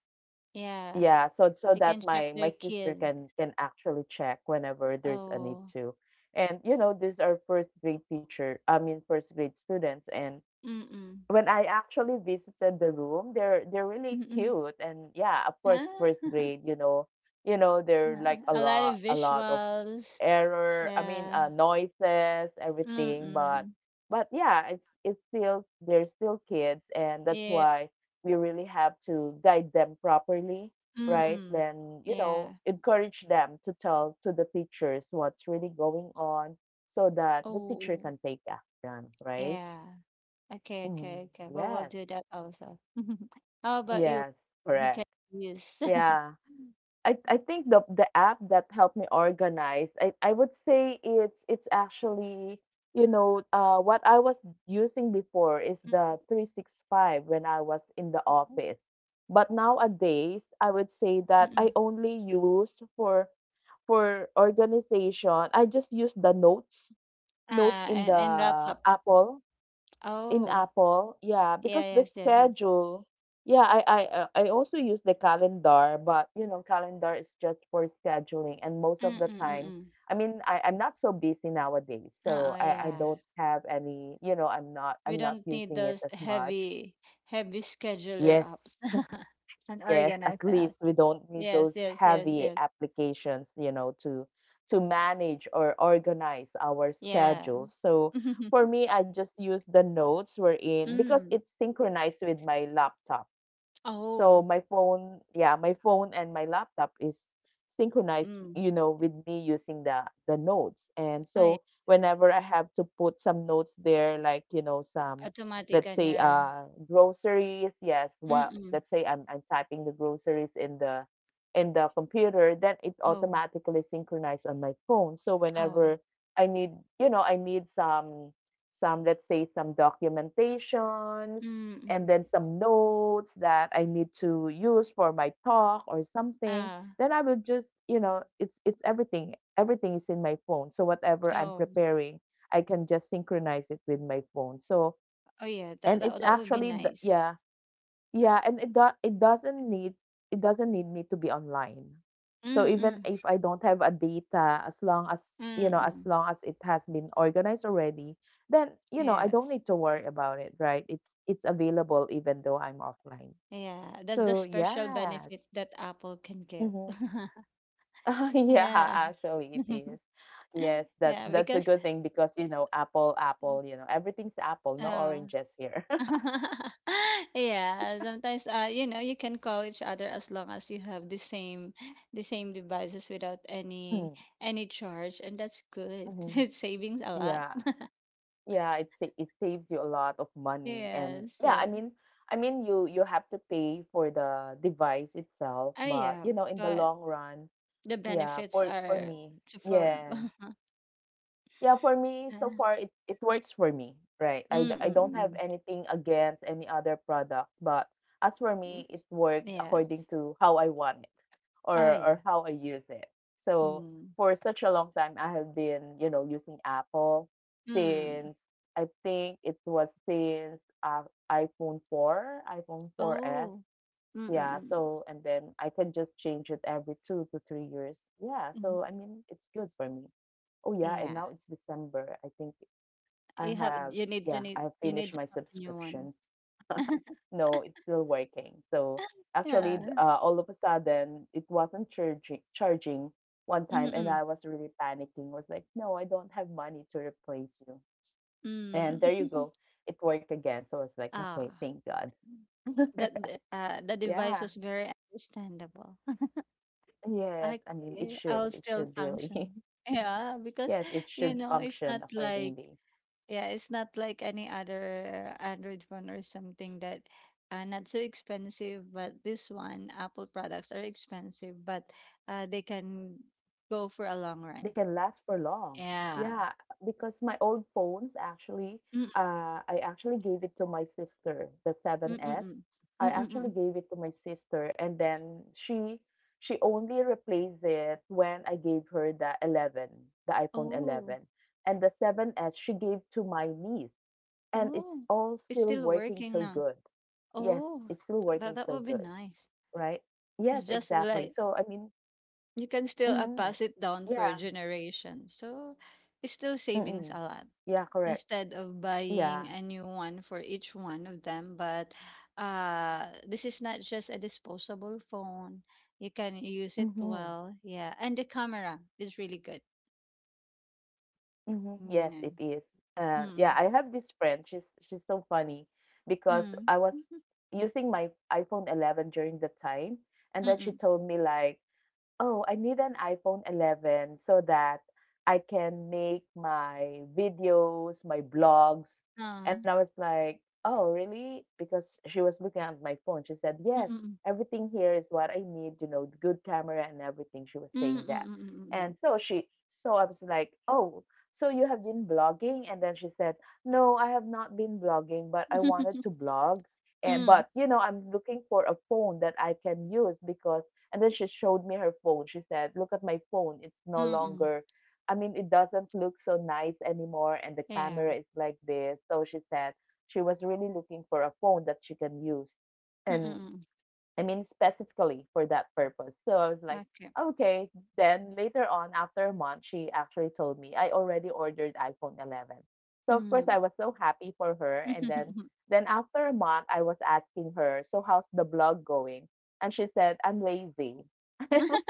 Speaker 2: Yeah,
Speaker 1: yeah, so so
Speaker 2: they
Speaker 1: that
Speaker 2: can check
Speaker 1: my
Speaker 2: their
Speaker 1: sister
Speaker 2: kids.
Speaker 1: can actually check whenever there's a need
Speaker 2: Oh,
Speaker 1: to. And you know, these are first grade teacher, I mean first grade students. And
Speaker 2: mm-mm.
Speaker 1: when I actually visited the room, they're really
Speaker 2: Mm-mm.
Speaker 1: cute. And yeah, of course,
Speaker 2: Ah,
Speaker 1: first grade, you know, they're like
Speaker 2: (laughs) a lot of
Speaker 1: a lot of
Speaker 2: visuals. Yeah.
Speaker 1: noises, everything.
Speaker 2: Mm-mm.
Speaker 1: But yeah, it's still they're still kids, and that's
Speaker 2: Yeah.
Speaker 1: why we really have to guide them properly, right?
Speaker 2: Mm.
Speaker 1: Then you know,
Speaker 2: Yeah.
Speaker 1: encourage them to tell to the teachers what's really going on, so that the teacher
Speaker 2: Oh,
Speaker 1: can take action, right?
Speaker 2: yeah. Okay,
Speaker 1: Mhm.
Speaker 2: okay, okay. Well, we'll
Speaker 1: Yes,
Speaker 2: do that also. (laughs) How about you?
Speaker 1: yes,
Speaker 2: You can
Speaker 1: correct.
Speaker 2: use. (laughs)
Speaker 1: Yeah. I think the app that helped me organize, I would say it's actually, what I was using before is the
Speaker 2: Mm-mm.
Speaker 1: 365 when I was in the
Speaker 2: Oh.
Speaker 1: office. But nowadays, I would say that I
Speaker 2: Mm-mm.
Speaker 1: only use for organization. I just use the notes, notes
Speaker 2: Ah,
Speaker 1: in the
Speaker 2: and laptop.
Speaker 1: Apple, in
Speaker 2: Oh,
Speaker 1: Apple, yeah, because
Speaker 2: yeah,
Speaker 1: the
Speaker 2: yes, yes, yes.
Speaker 1: schedule, yeah, I also use the calendar, but you know, calendar is just for scheduling, and most of the
Speaker 2: Mm-mm,
Speaker 1: time,
Speaker 2: mm-mm.
Speaker 1: I mean, I'm not so busy nowadays, so
Speaker 2: Uh-oh,
Speaker 1: I
Speaker 2: yeah.
Speaker 1: don't have any, you know,
Speaker 2: We
Speaker 1: I'm not
Speaker 2: don't need
Speaker 1: using it
Speaker 2: those
Speaker 1: as much.
Speaker 2: heavy, heavy scheduler
Speaker 1: Yes,
Speaker 2: apps (laughs) and
Speaker 1: yes, at
Speaker 2: organizer.
Speaker 1: least we don't need
Speaker 2: Yes,
Speaker 1: those
Speaker 2: yes, yes,
Speaker 1: heavy
Speaker 2: yes.
Speaker 1: applications, you know, to manage or organize our
Speaker 2: Yeah.
Speaker 1: schedules. So for
Speaker 2: (laughs)
Speaker 1: me, I just use the notes we're in because
Speaker 2: Mm.
Speaker 1: it's synchronized with my laptop, so
Speaker 2: Oh.
Speaker 1: my phone, yeah, my phone and my laptop is synchronized,
Speaker 2: Mm.
Speaker 1: you know, with me using the notes. And
Speaker 2: Oh, yeah.
Speaker 1: so whenever I have to put some notes there, like you know some,
Speaker 2: Automatic
Speaker 1: let's
Speaker 2: on
Speaker 1: say
Speaker 2: your
Speaker 1: groceries, yes, well
Speaker 2: mm.
Speaker 1: let's say I'm I'm typing the groceries in the, in the computer, then it
Speaker 2: Oh,
Speaker 1: automatically synchronized on my phone. So
Speaker 2: oh.
Speaker 1: whenever I need, I need some, let's say some documentations, and
Speaker 2: Mm.
Speaker 1: then some notes that I need to use for my talk or something,
Speaker 2: Ah,
Speaker 1: then I will just, you know, it's everything. Everything is in my phone. So whatever I'm
Speaker 2: oh.
Speaker 1: preparing, I can just synchronize it with my phone. So
Speaker 2: Oh yeah, that
Speaker 1: and it's
Speaker 2: that that would be
Speaker 1: actually the,
Speaker 2: nice.
Speaker 1: yeah, yeah, and it doesn't need me to be online. So even
Speaker 2: Mm.
Speaker 1: if I don't have a data, as long as you know, as
Speaker 2: Mm.
Speaker 1: long as it has been organized already, then you know, I don't
Speaker 2: Yes.
Speaker 1: need to worry about it, right? It's available even though I'm offline.
Speaker 2: Yeah, that's the
Speaker 1: So
Speaker 2: special
Speaker 1: yeah.
Speaker 2: benefit that Apple can give.
Speaker 1: Mm-hmm.
Speaker 2: (laughs)
Speaker 1: (laughs) Yeah,
Speaker 2: Yeah.
Speaker 1: actually it is.
Speaker 2: (laughs)
Speaker 1: Yes, that
Speaker 2: Yeah,
Speaker 1: that's a
Speaker 2: because
Speaker 1: good thing because you know, Apple, you know, everything's Apple, no
Speaker 2: uh
Speaker 1: oranges here.
Speaker 2: (laughs)
Speaker 1: (laughs)
Speaker 2: yeah, sometimes you know you can call each other as long as you have the same devices without any any charge and that's good. (laughs)
Speaker 1: Mm-hmm.
Speaker 2: It's savings a lot.
Speaker 1: Yeah. Yeah, it saves you a lot of money, and
Speaker 2: Yes,
Speaker 1: yeah, I
Speaker 2: yes.
Speaker 1: mean, you you have to pay for the device itself,
Speaker 2: Oh
Speaker 1: but
Speaker 2: yeah,
Speaker 1: you know, in the
Speaker 2: but
Speaker 1: long run,
Speaker 2: the
Speaker 1: yeah,
Speaker 2: benefits
Speaker 1: for
Speaker 2: are
Speaker 1: me,
Speaker 2: to for
Speaker 1: yeah. Yeah, for me, so far
Speaker 2: (laughs)
Speaker 1: it works for me, right?
Speaker 2: mm
Speaker 1: I
Speaker 2: mm
Speaker 1: don't have
Speaker 2: mm.
Speaker 1: anything against any other products, but as for me, it works
Speaker 2: Yes.
Speaker 1: according to how I want it,
Speaker 2: Oh yeah.
Speaker 1: or how I use it. So
Speaker 2: Mm.
Speaker 1: for such a long time, I have been, you know, using Apple
Speaker 2: Mm.
Speaker 1: since, I think it was since iPhone 4, iPhone four S.
Speaker 2: Oh. Mm mm
Speaker 1: Yeah,
Speaker 2: mm. Mm.
Speaker 1: so and then I can just change it every 2 to 3 years. Yeah,
Speaker 2: Mm,
Speaker 1: so I mean it's good for me. Oh yeah, and
Speaker 2: yeah.
Speaker 1: now it's December. I think I
Speaker 2: You have
Speaker 1: have,
Speaker 2: you need to
Speaker 1: yeah, I
Speaker 2: need
Speaker 1: have
Speaker 2: you
Speaker 1: finished
Speaker 2: need to
Speaker 1: my
Speaker 2: have a new one.
Speaker 1: subscription. No, it's still working. So
Speaker 2: Yeah.
Speaker 1: actually all of a sudden it wasn't charging one time, and
Speaker 2: Mm,
Speaker 1: I was really panicking. Was like, "No, I don't have money to replace you." And there you go.
Speaker 2: mm. (laughs)
Speaker 1: It worked again. So I was like, "Okay,
Speaker 2: Ah,
Speaker 1: thank God." (laughs)
Speaker 2: the
Speaker 1: Yeah.
Speaker 2: device was very understandable. (laughs)
Speaker 1: Yes, I mean, it
Speaker 2: Okay,
Speaker 1: should.
Speaker 2: I'll
Speaker 1: It
Speaker 2: still
Speaker 1: should really. (laughs)
Speaker 2: function. Yeah, because
Speaker 1: Yes, it should
Speaker 2: you know, it's
Speaker 1: function
Speaker 2: not like
Speaker 1: accordingly.
Speaker 2: yeah, it's not like any other Android phone or something that not so expensive, but this one, Apple products are expensive, but they can go for a long
Speaker 1: They
Speaker 2: run.
Speaker 1: can last for long.
Speaker 2: Yeah.
Speaker 1: Yeah, because my old phones actually,
Speaker 2: Mm,
Speaker 1: I actually gave it to my sister, the
Speaker 2: mm,
Speaker 1: seven
Speaker 2: mm,
Speaker 1: S.
Speaker 2: mm.
Speaker 1: I
Speaker 2: Mm, mm, mm.
Speaker 1: actually
Speaker 2: Mm.
Speaker 1: gave it to my sister, and then she only replaced it when I gave her the 11, the iPhone
Speaker 2: Oh,
Speaker 1: 11. And the seven S she gave to my niece, and it's
Speaker 2: oh,
Speaker 1: all
Speaker 2: it's
Speaker 1: still
Speaker 2: still
Speaker 1: working
Speaker 2: working
Speaker 1: so
Speaker 2: now.
Speaker 1: good. Yes,
Speaker 2: Oh,
Speaker 1: it's still
Speaker 2: tha that
Speaker 1: working
Speaker 2: that
Speaker 1: so
Speaker 2: would be
Speaker 1: good.
Speaker 2: nice.
Speaker 1: Right? Yes,
Speaker 2: It's just
Speaker 1: exactly.
Speaker 2: like
Speaker 1: So I mean,
Speaker 2: you can
Speaker 1: hmm,
Speaker 2: still, pass it
Speaker 1: yeah,
Speaker 2: down for a generation, so it's still
Speaker 1: mm-mm,
Speaker 2: savings a lot
Speaker 1: yeah, correct,
Speaker 2: instead of
Speaker 1: yeah,
Speaker 2: buying a new one for each one of them. But, this is not just a disposable phone. You can use it
Speaker 1: mm-hmm,
Speaker 2: well, yeah, and the camera is really good.
Speaker 1: mm-hmm. Yes, it
Speaker 2: Mm,
Speaker 1: is. Yeah,
Speaker 2: mm,
Speaker 1: I have this friend. She's so funny because
Speaker 2: mm,
Speaker 1: I was
Speaker 2: (laughs)
Speaker 1: using my iPhone 11 during the time, and then she
Speaker 2: mm,
Speaker 1: told me like, oh, I need an iPhone 11 so that I can make my videos, my blogs. And
Speaker 2: ah,
Speaker 1: I was like, oh, really? Because she was looking at my phone. She said,
Speaker 2: mm,
Speaker 1: yes,
Speaker 2: mm,
Speaker 1: everything here is what I need, you know, good camera and everything. She was saying that.
Speaker 2: mm,
Speaker 1: And so she, so I was like, oh, so you have been blogging? And then she said, no, I have not been blogging, but I
Speaker 2: (laughs)
Speaker 1: wanted
Speaker 2: mm,
Speaker 1: to blog. And,
Speaker 2: mm,
Speaker 1: but, you know, I'm looking for a phone that I can use, because and then she showed me her phone. She said, look at my phone. It's
Speaker 2: mm,
Speaker 1: no
Speaker 2: mm, mm, mm,
Speaker 1: longer, I mean, it doesn't look so nice anymore. And the
Speaker 2: (laughs) yeah.
Speaker 1: camera is like this. So she said she was really looking for a phone that she can use.
Speaker 2: Mm,
Speaker 1: And
Speaker 2: mm, mm.
Speaker 1: I mean, specifically for that purpose. So I was like,
Speaker 2: Okay.
Speaker 1: okay. Then later on, after a month, she actually told me I already ordered iPhone 11. So of course,
Speaker 2: Mm.
Speaker 1: I was so happy for her. And
Speaker 2: (laughs)
Speaker 1: then after a month, I was asking her, so how's the blog going? And she said, I'm lazy. (laughs) I was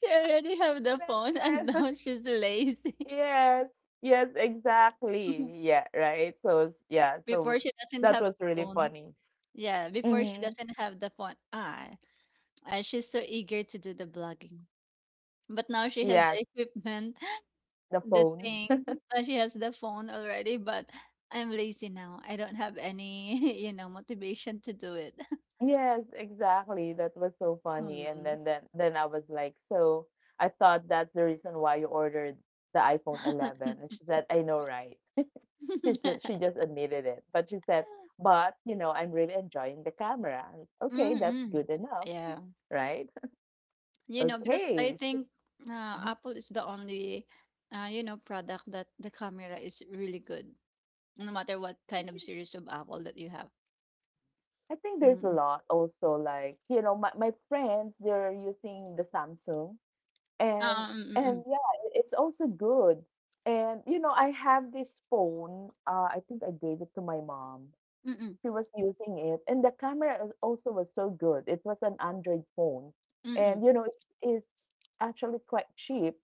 Speaker 2: She already have the phone (laughs) and
Speaker 1: 11.
Speaker 2: now
Speaker 1: (laughs)
Speaker 2: she's lazy.
Speaker 1: Yes, yes, exactly.
Speaker 2: (laughs)
Speaker 1: Yeah, right. So yeah, so
Speaker 2: Before she doesn't
Speaker 1: that
Speaker 2: have
Speaker 1: was
Speaker 2: the
Speaker 1: really
Speaker 2: phone.
Speaker 1: funny.
Speaker 2: Yeah, before she
Speaker 1: Mm-hmm.
Speaker 2: doesn't have the phone. She's so eager to do the blogging. But now she has the
Speaker 1: Yes,
Speaker 2: equipment, (laughs)
Speaker 1: the
Speaker 2: the
Speaker 1: phone.
Speaker 2: thing. She has the phone already, but I'm lazy now. I don't have any, (laughs) motivation to do it. (laughs)
Speaker 1: Yes, exactly. That was so funny. And
Speaker 2: Hmm.
Speaker 1: then I was like, so I thought that's the reason why you ordered the iPhone 11. And she said, I know, right? She said, she
Speaker 2: (laughs)
Speaker 1: just admitted it. But she said, but you know, I'm really enjoying the camera. I'm like, okay, that's
Speaker 2: Mm-mm.
Speaker 1: good enough,
Speaker 2: Yeah.
Speaker 1: right?
Speaker 2: You know, because I
Speaker 1: Okay. So
Speaker 2: think uh, Apple is the only product that the camera is really good, no matter what kind of series of Apple that you have.
Speaker 1: I think there's a
Speaker 2: Mm-mm.
Speaker 1: lot also like, you know, my friends, they're using the Samsung. And
Speaker 2: Mm-mm,
Speaker 1: and yeah, it's also good. And you know, I have this phone. I think I gave it to my mom.
Speaker 2: mm-mm,
Speaker 1: She was using it, and also was so good. It was an Android phone,
Speaker 2: mm-mm.
Speaker 1: and you know, it's, actually quite cheap.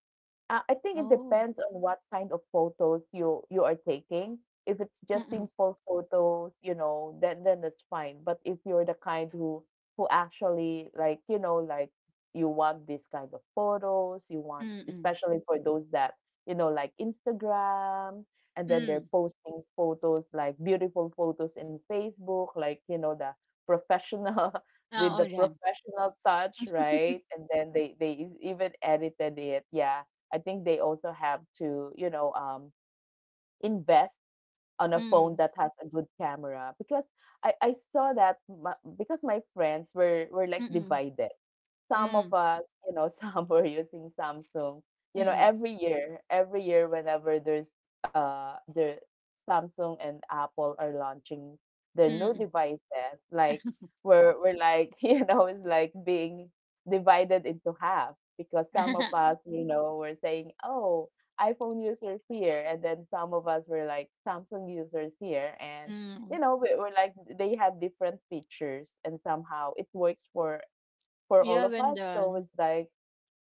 Speaker 1: I think it
Speaker 2: Oh,
Speaker 1: depends on what kind of photos you are taking. If it's just
Speaker 2: mm-mm,
Speaker 1: simple photos, you know, then it's fine. But if you're the kind who actually like, you know, like you want this kind of photos, you want
Speaker 2: mm-mm,
Speaker 1: especially for those that, you know, like Instagram, and then they're
Speaker 2: mm.
Speaker 1: posting photos like beautiful photos in Facebook, like, you know, the professional (laughs)
Speaker 2: Ah,
Speaker 1: with the
Speaker 2: all yan.
Speaker 1: professional touch, right? And then they even edited it. Yeah, I think they also have to, invest on a phone
Speaker 2: Mm,
Speaker 1: that has a good camera, because I saw that my, because my friends were like
Speaker 2: mm-mm,
Speaker 1: divided, some of
Speaker 2: mm,
Speaker 1: us, you know, (laughs) some were using Samsung. You know,
Speaker 2: mm-mm,
Speaker 1: every year, whenever there's the Samsung and Apple are launching their new
Speaker 2: mm.
Speaker 1: devices, like we're like, (laughs) you know, it's like being divided into half because some of
Speaker 2: (laughs)
Speaker 1: us, you know, were saying, oh, iPhone users here, and then some of us were like Samsung users here, and you
Speaker 2: mm.
Speaker 1: know, we're like they have different features, and somehow it works for all
Speaker 2: Yeah,
Speaker 1: of
Speaker 2: when
Speaker 1: us. So it's
Speaker 2: done.
Speaker 1: like,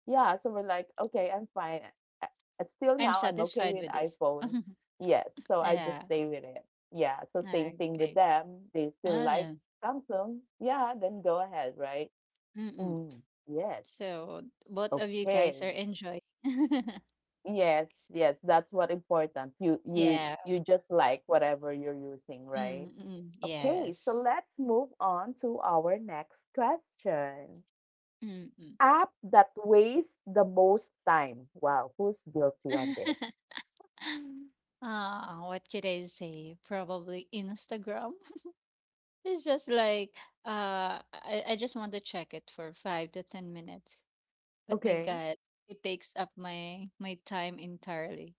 Speaker 1: yeah, so we're like, okay, I'm fine. Uh, Still
Speaker 2: I'm
Speaker 1: now, I'm okay
Speaker 2: satisfied
Speaker 1: with
Speaker 2: with this. (laughs)
Speaker 1: iPhone. Yes, so I just
Speaker 2: yeah.
Speaker 1: stay with it. Yeah, so same thing with
Speaker 2: Okay.
Speaker 1: them. They still
Speaker 2: Ah,
Speaker 1: like
Speaker 2: yeah.
Speaker 1: Samsung. Yeah, then go ahead, right?
Speaker 2: Mm-mm.
Speaker 1: Mm, yes,
Speaker 2: So both of you
Speaker 1: okay.
Speaker 2: guys are enjoying. (laughs)
Speaker 1: Yes, yes, that's what important. You
Speaker 2: yeah.
Speaker 1: you just like whatever you're using, right?
Speaker 2: Mm-mm.
Speaker 1: Okay,
Speaker 2: Yes.
Speaker 1: so let's move on to our next question.
Speaker 2: Mm-mm.
Speaker 1: App that wastes the most time. Wow, who's guilty on this?
Speaker 2: (laughs) Ah, what could I say? Probably Instagram. (laughs) It's just like I just want to check it for 5 to 10 minutes. But my God,
Speaker 1: Okay.
Speaker 2: it takes up my time entirely.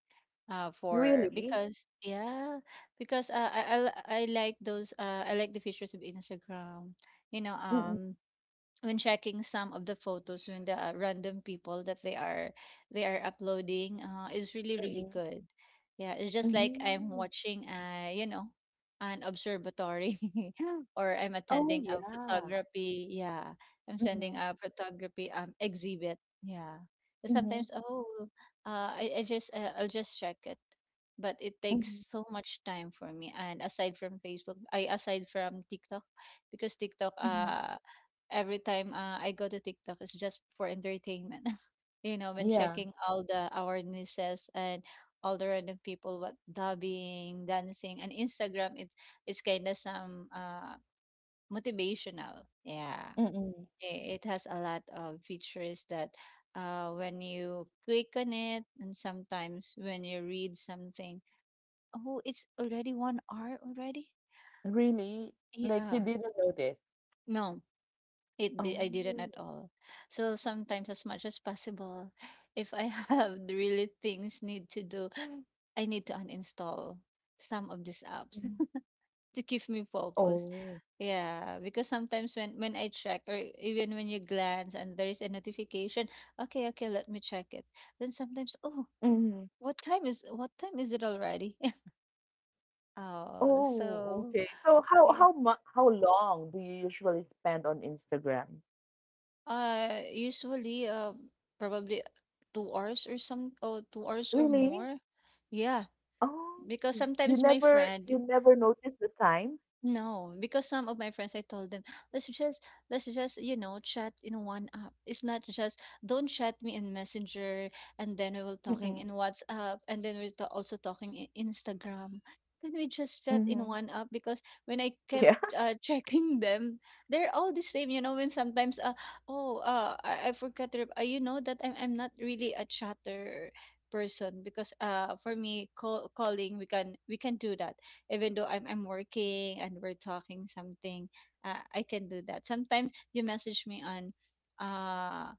Speaker 2: For because
Speaker 1: Really?
Speaker 2: yeah, because I like those I like the features of Instagram. You know um
Speaker 1: Mm-mm.
Speaker 2: when checking some of the photos when the random people that they are uploading is really really good,
Speaker 1: Mm-mm.
Speaker 2: yeah. It's just like I'm
Speaker 1: Mm.
Speaker 2: watching an observatory, (laughs) or I'm attending a
Speaker 1: Oh, yeah.
Speaker 2: photography, yeah, I'm sending a
Speaker 1: Mhm,
Speaker 2: photography exhibit, yeah. So sometimes,
Speaker 1: mhm,
Speaker 2: oh, I'll just check it, but it takes so
Speaker 1: mhm,
Speaker 2: much time for me, and aside from Facebook, I aside from TikTok, because TikTok,
Speaker 1: mhm.
Speaker 2: every time I go to TikTok, it's just for entertainment. (laughs) You know, when checking
Speaker 1: Yeah.
Speaker 2: all the our nieces and all the random people what dubbing, dancing, and Instagram, it's kind of some motivational. Yeah,
Speaker 1: Mm-mm.
Speaker 2: I- it has a lot of features that when you click on it, and sometimes when you read something, oh, it's already 1 hour already.
Speaker 1: Really?
Speaker 2: Yeah,
Speaker 1: Like you didn't know this?
Speaker 2: no, It di I didn't at
Speaker 1: Oh.
Speaker 2: all. So sometimes as much as possible, (laughs) if I have (laughs) really things need to do, I need to uninstall some of these apps
Speaker 1: Mhm.
Speaker 2: (laughs) to keep me focused.
Speaker 1: Oh.
Speaker 2: Yeah, because sometimes when I check or even when you glance and there is a notification, okay, let me check it. Then sometimes, oh,
Speaker 1: Mhm.
Speaker 2: what time is it already? (laughs) Oh,
Speaker 1: Oh,
Speaker 2: so
Speaker 1: okay. So how
Speaker 2: yeah.
Speaker 1: how mu how long do you usually spend on Instagram?
Speaker 2: Usually, probably 2 hours or some, oh, 2 hours or
Speaker 1: Really?
Speaker 2: more. Yeah,
Speaker 1: Oh.
Speaker 2: because
Speaker 1: Yeah. You
Speaker 2: sometimes my
Speaker 1: never
Speaker 2: friend,
Speaker 1: you never notice the time?
Speaker 2: no, because some of my friends, I told them, let's just let's just, you know, chat in one app. It's not just don't chat me in Messenger and then we will talking
Speaker 1: Mm,
Speaker 2: in WhatsApp and then we're also talking in Instagram. Can we just chat in
Speaker 1: mhm.
Speaker 2: one app? Because when I kept
Speaker 1: Yeah.
Speaker 2: (laughs) checking them, they're all the same. You know, when sometimes, I forgot to, you know that I'm not really a chatter person, because for me calling, we can do that even though I'm working and we're talking something, I can do that. Sometimes you message me uh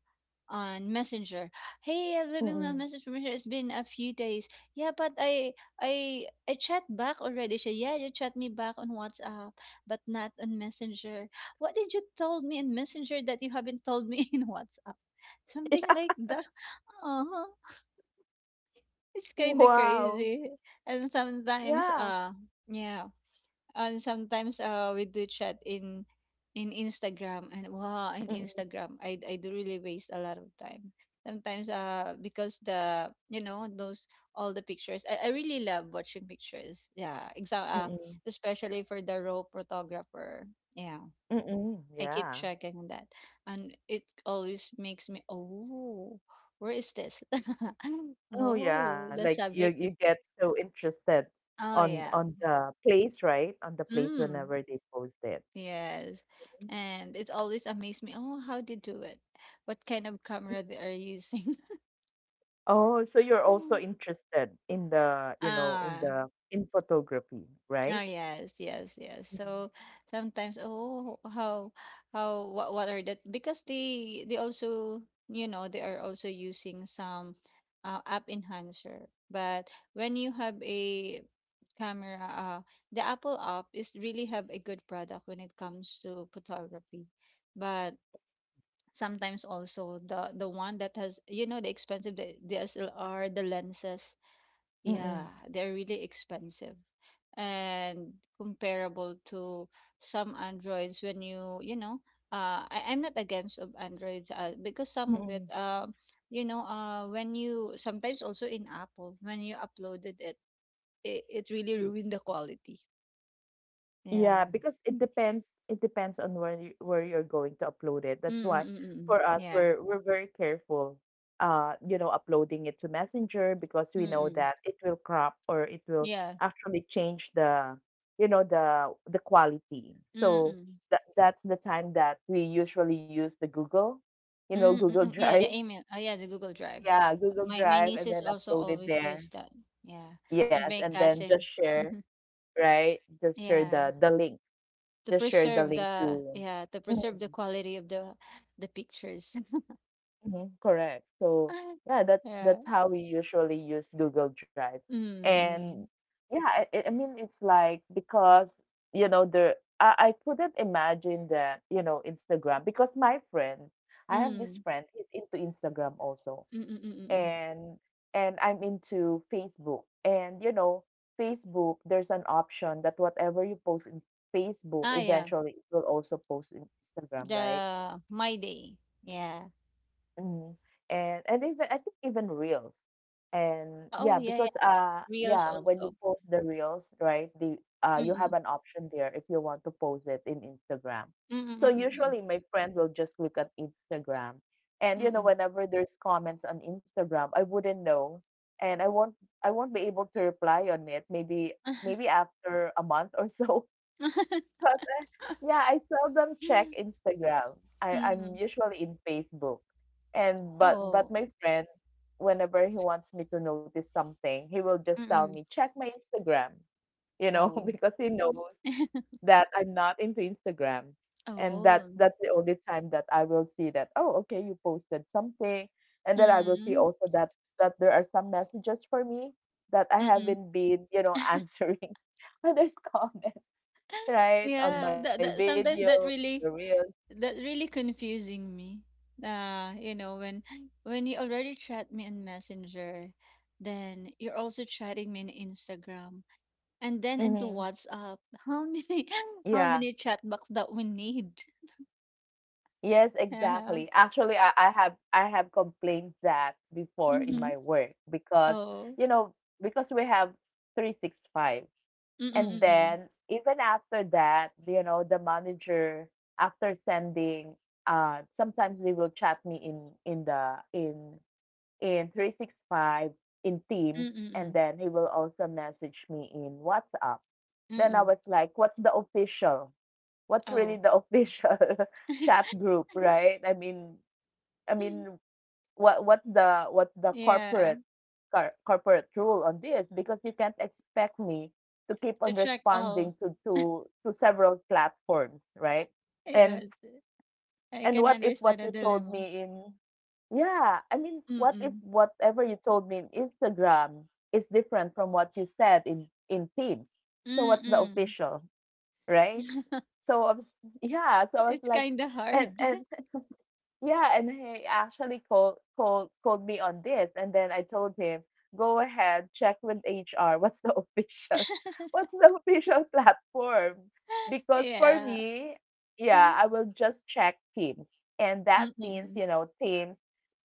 Speaker 2: on Messenger. Hey, I'm leaving a
Speaker 1: Mm.
Speaker 2: message from Messenger. It's been a few days. Yeah, but I chat back already. She, yeah, you chat me back on WhatsApp, but not on Messenger. What did you told me in Messenger that you haven't told me (laughs) in WhatsApp? Something like that. (laughs) Uh-huh. It's kind of
Speaker 1: Wow.
Speaker 2: crazy. And sometimes,
Speaker 1: Yeah.
Speaker 2: yeah. And sometimes we do chat in Instagram, and wow, in
Speaker 1: Mm,
Speaker 2: Instagram I do really waste a lot of time. Sometimes because the you know those all the pictures, I really love watching pictures. Yeah,
Speaker 1: mm.
Speaker 2: especially for the raw photographer. Yeah,
Speaker 1: Mm.
Speaker 2: I keep
Speaker 1: Yeah.
Speaker 2: checking that and it always makes me, oh, where is this? (laughs)
Speaker 1: Oh,
Speaker 2: Oh,
Speaker 1: yeah.
Speaker 2: the
Speaker 1: Like you
Speaker 2: subject.
Speaker 1: you get so interested
Speaker 2: Oh
Speaker 1: on
Speaker 2: yeah.
Speaker 1: on the place, right? On the place
Speaker 2: Mm.
Speaker 1: whenever they post it.
Speaker 2: Yes. And it always amazed me. Oh, how they do it? What kind of camera they are using?
Speaker 1: Oh, so you're also
Speaker 2: (laughs)
Speaker 1: interested in the, you know, in
Speaker 2: Ah,
Speaker 1: the in photography, right?
Speaker 2: yes, yes, yes. So sometimes, oh, what are that? Because they also, you know, they are also using some app enhancer. But when you have a camera, the Apple app is really have a good product when it comes to photography. But sometimes also the one that has, you know, the expensive, the DSLR, the lenses,
Speaker 1: Mm,
Speaker 2: yeah,
Speaker 1: mm,
Speaker 2: they're really expensive, and comparable to some androids when you know, I'm not against of androids, because some of it,
Speaker 1: mm.
Speaker 2: you know, when you sometimes also in Apple when you uploaded it, it really Mm. ruined the quality,
Speaker 1: Yeah,
Speaker 2: yeah.
Speaker 1: because it depends on where you, where you're going to upload it. That's why
Speaker 2: Mm-mm-mm-mm.
Speaker 1: for us
Speaker 2: Yeah.
Speaker 1: we're very careful you know uploading it to Messenger because we know
Speaker 2: Mm-mm.
Speaker 1: that it will crop or it will
Speaker 2: Yeah.
Speaker 1: actually change the you know the quality. So
Speaker 2: Mm-mm.
Speaker 1: that's the time that we usually use the Google, you know,
Speaker 2: Mm, mm,
Speaker 1: Google (laughs)
Speaker 2: mm, yeah,
Speaker 1: Drive.
Speaker 2: the email. Oh, yeah, the Google Drive.
Speaker 1: Yeah, Google
Speaker 2: My
Speaker 1: Drive and
Speaker 2: nieces
Speaker 1: then
Speaker 2: also
Speaker 1: upload it
Speaker 2: always use
Speaker 1: there.
Speaker 2: that. Yeah, and
Speaker 1: Yes,
Speaker 2: my
Speaker 1: and then just
Speaker 2: cousin.
Speaker 1: share,
Speaker 2: Mhm.
Speaker 1: right? Just share
Speaker 2: Yeah,
Speaker 1: the link
Speaker 2: to
Speaker 1: just share the
Speaker 2: preserve
Speaker 1: link
Speaker 2: the
Speaker 1: to
Speaker 2: yeah to preserve
Speaker 1: mhm,
Speaker 2: the quality of the pictures.
Speaker 1: mhm, correct. So
Speaker 2: (laughs)
Speaker 1: yeah, that's
Speaker 2: Yeah.
Speaker 1: that's how we usually use Google Drive.
Speaker 2: Mm,
Speaker 1: And
Speaker 2: mm,
Speaker 1: yeah, I mean it's like because you know the I couldn't imagine that you know Instagram because my friend I have this
Speaker 2: mm,
Speaker 1: friend he's into Instagram also
Speaker 2: mm, mm, mm, mm. mm.
Speaker 1: and and I'm into Facebook and you know Facebook there's an option that whatever you post in Facebook
Speaker 2: Ah, yeah.
Speaker 1: eventually it will also post in Instagram, right?
Speaker 2: The My Day. Yeah.
Speaker 1: Mm. And even I think even reels. And
Speaker 2: Ah, oh,
Speaker 1: yeah,
Speaker 2: yeah,
Speaker 1: because
Speaker 2: yeah. Reels
Speaker 1: yeah, when you
Speaker 2: also.
Speaker 1: post the reels, right? The
Speaker 2: Mm,
Speaker 1: you have
Speaker 2: mm,
Speaker 1: an option there if you want to post it in Instagram.
Speaker 2: mm,
Speaker 1: So
Speaker 2: mm,
Speaker 1: usually my friend will just look at Instagram. And
Speaker 2: mm,
Speaker 1: you
Speaker 2: mm,
Speaker 1: know,
Speaker 2: mm.
Speaker 1: whenever there's comments on Instagram, I wouldn't know and I won't be able to reply on it maybe
Speaker 2: mm.
Speaker 1: maybe after a month or so.
Speaker 2: mm. (laughs)
Speaker 1: (laughs) Yeah, I seldom check Instagram. I'm
Speaker 2: Mm-mm.
Speaker 1: usually in Facebook. And but
Speaker 2: Oh.
Speaker 1: my friend, whenever he wants me to notice something, he will just tell
Speaker 2: Mm-mm.
Speaker 1: me, check my Instagram, you know,
Speaker 2: Oh.
Speaker 1: (laughs) because he knows
Speaker 2: (laughs)
Speaker 1: that I'm not into Instagram. And that
Speaker 2: Oh.
Speaker 1: that's the only time that I will see that, oh, okay, you posted something. And then I will see
Speaker 2: Mm,
Speaker 1: also that there are some messages for me that I
Speaker 2: mm.
Speaker 1: haven't been, you know, (laughs) answering when there's (laughs) comments. Right, on
Speaker 2: Yeah,
Speaker 1: my
Speaker 2: that that
Speaker 1: video,
Speaker 2: sometimes that
Speaker 1: the
Speaker 2: really
Speaker 1: reels.
Speaker 2: that's really confusing me. You know, when you already chat me on Messenger, then you're also chatting me on Instagram, and then into
Speaker 1: Mhm.
Speaker 2: WhatsApp. How many (laughs) how
Speaker 1: Yeah.
Speaker 2: many chat box that we need? (laughs)
Speaker 1: Yes,
Speaker 2: Yeah.
Speaker 1: exactly. Actually, I have I have complained that before in
Speaker 2: Mm-hmm.
Speaker 1: my work because
Speaker 2: Oh.
Speaker 1: you know because we have 365 and
Speaker 2: Mm-mm-mm.
Speaker 1: then even after that, you know, the manager after sending sometimes they will chat me in 365 in Teams and
Speaker 2: Mm-mm-mm.
Speaker 1: then he will also message me in WhatsApp. Then I
Speaker 2: Mm-mm.
Speaker 1: was like, what's the official? What's really
Speaker 2: Oh.
Speaker 1: the official (laughs) chat group,
Speaker 2: (laughs)
Speaker 1: right? I mean, what what's the
Speaker 2: Yeah,
Speaker 1: corporate cor- corporate rule on this? Because you can't expect me to keep
Speaker 2: to
Speaker 1: on
Speaker 2: check all.
Speaker 1: responding to to several platforms, right?
Speaker 2: Yeah.
Speaker 1: And
Speaker 2: I
Speaker 1: and
Speaker 2: can
Speaker 1: what if what
Speaker 2: understand the
Speaker 1: you told
Speaker 2: dilemma.
Speaker 1: me in yeah, I mean, what if
Speaker 2: Mm.
Speaker 1: whatever you told me in Instagram is different from what you said in Teams? So what's the
Speaker 2: Mm.
Speaker 1: official? Right?
Speaker 2: (laughs)
Speaker 1: So I was yeah, so I was
Speaker 2: It's
Speaker 1: like
Speaker 2: kinda hard. (laughs)
Speaker 1: and yeah, and he actually called me on this, and then I told him, go ahead, check with HR. What's the (laughs) official, what's the official platform? Because for
Speaker 2: Yeah.
Speaker 1: me,
Speaker 2: Mm,
Speaker 1: yeah, I will just check Teams, and that means
Speaker 2: mm,
Speaker 1: you know Teams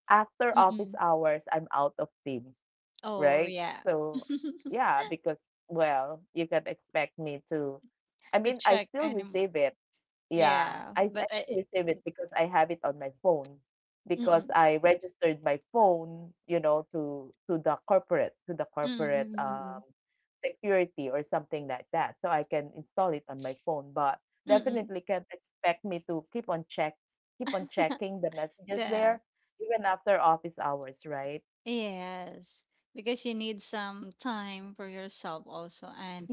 Speaker 1: after office
Speaker 2: mm.
Speaker 1: hours, I'm out of Teams,
Speaker 2: Oh,
Speaker 1: right?
Speaker 2: yeah. (laughs)
Speaker 1: So yeah, because well, you can expect me to. I
Speaker 2: To
Speaker 1: mean, I
Speaker 2: check
Speaker 1: still
Speaker 2: anymore.
Speaker 1: receive it yeah,
Speaker 2: Yeah,
Speaker 1: I
Speaker 2: but
Speaker 1: I still
Speaker 2: I
Speaker 1: receive it because I have it on my phone because
Speaker 2: mm.
Speaker 1: I registered my phone, you know, to the
Speaker 2: Mm, mm,
Speaker 1: corporate
Speaker 2: mm, mm.
Speaker 1: security or something like that. So I can install it on my phone, but
Speaker 2: Mm.
Speaker 1: definitely can't expect me to keep on check keep on
Speaker 2: (laughs)
Speaker 1: checking the messages
Speaker 2: The
Speaker 1: there even after office hours, right?
Speaker 2: Yes, because you need some time for yourself also, and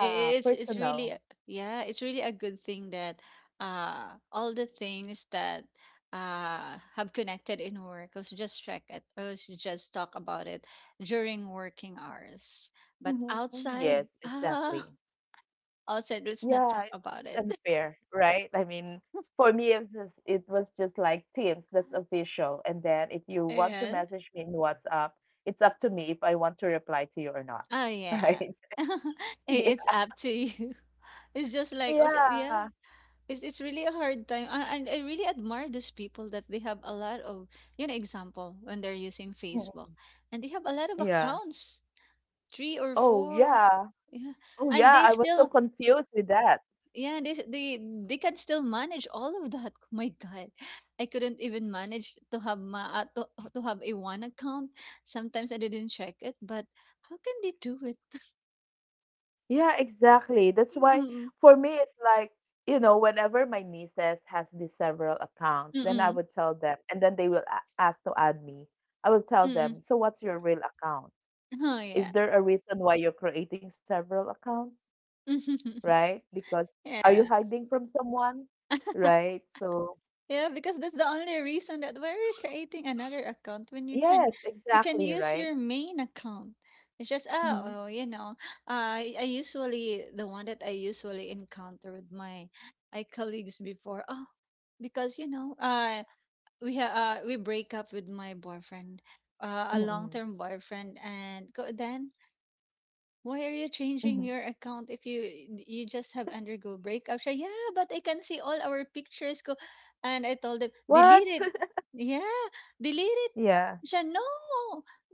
Speaker 2: i- i- it's really
Speaker 1: personal.
Speaker 2: yeah, it's really a good thing that all the things that have connected in work, let's just check it, or let's just talk about it during working hours. But
Speaker 1: Hmm. Yes,
Speaker 2: outside, (laughs)
Speaker 1: exactly.
Speaker 2: ah, outside, let's not
Speaker 1: Yeah,
Speaker 2: talk
Speaker 1: it's
Speaker 2: about it. (laughs)
Speaker 1: unfair, right? I mean, for me, it was just like Teams, that's official. And then if you want to
Speaker 2: Yeah.
Speaker 1: message me in WhatsApp, it's up to me if I want to reply to you or not,
Speaker 2: Oh
Speaker 1: (laughs)
Speaker 2: yeah.
Speaker 1: right?
Speaker 2: (laughs) I-
Speaker 1: Yeah.
Speaker 2: It's up to you. (laughs) It's just like also
Speaker 1: Yeah.
Speaker 2: yeah. It's really a hard time, I and I really admire those people that they have a lot of, you know, example when they're using
Speaker 1: Mm.
Speaker 2: Facebook and they have a lot of
Speaker 1: Yeah.
Speaker 2: accounts, three or
Speaker 1: Oh,
Speaker 2: four,
Speaker 1: yeah.
Speaker 2: yeah,
Speaker 1: Oh,
Speaker 2: and
Speaker 1: yeah.
Speaker 2: they
Speaker 1: I was so
Speaker 2: still
Speaker 1: confused with that.
Speaker 2: yeah they can still manage all of that. (laughs) My God, I couldn't even manage to have to have a one account, sometimes I didn't check it, but how can they do it?
Speaker 1: Yeah, exactly. That's why
Speaker 2: Mm-mm,
Speaker 1: for me it's like, you know, whenever my nieces has these several accounts, then I
Speaker 2: mm-mm,
Speaker 1: would tell them and then they will a- ask to add me. I will tell
Speaker 2: mm-mm.
Speaker 1: them, "So what's your real account?
Speaker 2: Oh yeah.
Speaker 1: Is there a reason why you're creating several accounts?"
Speaker 2: (laughs)
Speaker 1: Right? Because are you
Speaker 2: yeah.
Speaker 1: hiding from someone? Right? So,
Speaker 2: Yeah, because that's the only reason that why are you creating another account when you can
Speaker 1: yes,
Speaker 2: we can
Speaker 1: exactly,
Speaker 2: use
Speaker 1: right?
Speaker 2: your main account. It's just ah,
Speaker 1: Mhm.
Speaker 2: oh, you know, I usually the one that I usually encounter with my my colleagues before. Oh, because you know, we ha we break up with my boyfriend, a
Speaker 1: Mhm.
Speaker 2: long-term boyfriend, and go, then why are you changing
Speaker 1: Mhm.
Speaker 2: your account if you you just have undergo breakup? Siya, yeah, but I can see all our pictures ko. And I told them,
Speaker 1: What?
Speaker 2: delete it.
Speaker 1: (laughs)
Speaker 2: Yeah, delete it.
Speaker 1: Yeah.
Speaker 2: Siya, no.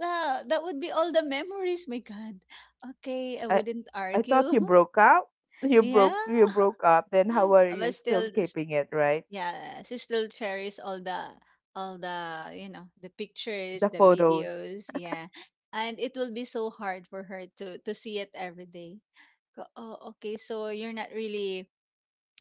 Speaker 2: That would be all the memories. My God. Okay, I
Speaker 1: I
Speaker 2: wouldn't
Speaker 1: I thought
Speaker 2: argue.
Speaker 1: you broke up.
Speaker 2: (laughs)
Speaker 1: You
Speaker 2: yeah.
Speaker 1: broke you broke up. Then how are
Speaker 2: (laughs)
Speaker 1: you
Speaker 2: But
Speaker 1: still
Speaker 2: still,
Speaker 1: keeping it, right?
Speaker 2: yeah, she still cherishes all the, you know, the pictures,
Speaker 1: The
Speaker 2: the
Speaker 1: photos.
Speaker 2: videos. Yeah. And it will be so hard for her to see it every day. Ko oh, okay. So you're not really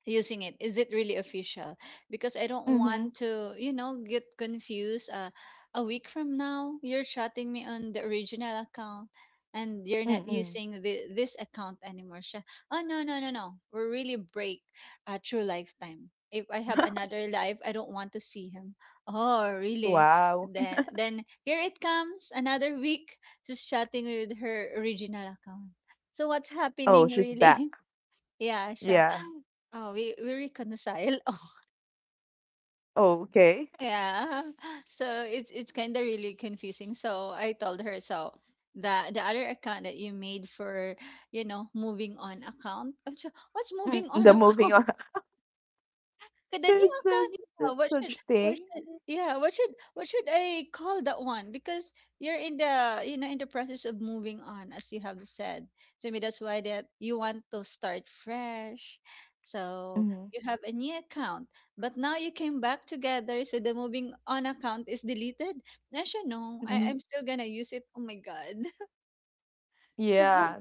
Speaker 2: using it, is it really official? Because I don't
Speaker 1: Mhm.
Speaker 2: want to, you know, get confused, a week from now you're chatting me on the original account, and you're not
Speaker 1: Mm-mm.
Speaker 2: using this account anymore. Siya, oh no no no no, we're really break, through lifetime, if I have
Speaker 1: (laughs)
Speaker 2: another life I don't want to see him. Oh really?
Speaker 1: Wow.
Speaker 2: Then here it comes another week, just chatting with her original account. So what's
Speaker 1: Oh,
Speaker 2: happening
Speaker 1: she's back.
Speaker 2: really? Yeah, siya.
Speaker 1: Yeah.
Speaker 2: (gasps) Oh, we reconcile. (laughs) Oh,
Speaker 1: Oh, okay.
Speaker 2: yeah. So it's kind of really confusing. So I told her, so the other account that you made for, you know, moving on account. (laughs) Oh, siya, What's
Speaker 1: Mm,
Speaker 2: moving on
Speaker 1: the moving
Speaker 2: account?
Speaker 1: on. (laughs)
Speaker 2: The
Speaker 1: There's
Speaker 2: new
Speaker 1: there's
Speaker 2: account, yeah.
Speaker 1: there's
Speaker 2: What should
Speaker 1: such
Speaker 2: what
Speaker 1: thing.
Speaker 2: should yeah, what should I call that one? Because you're in the you know in the process of moving on, as you have said. To me that's why that you want to start fresh. So
Speaker 1: Hmm.
Speaker 2: you have a new account. But now you came back together, so the moving on account is deleted. And she no, I'm
Speaker 1: Mm.
Speaker 2: still gonna use it. Oh my God. (laughs) Go-
Speaker 1: Yeah.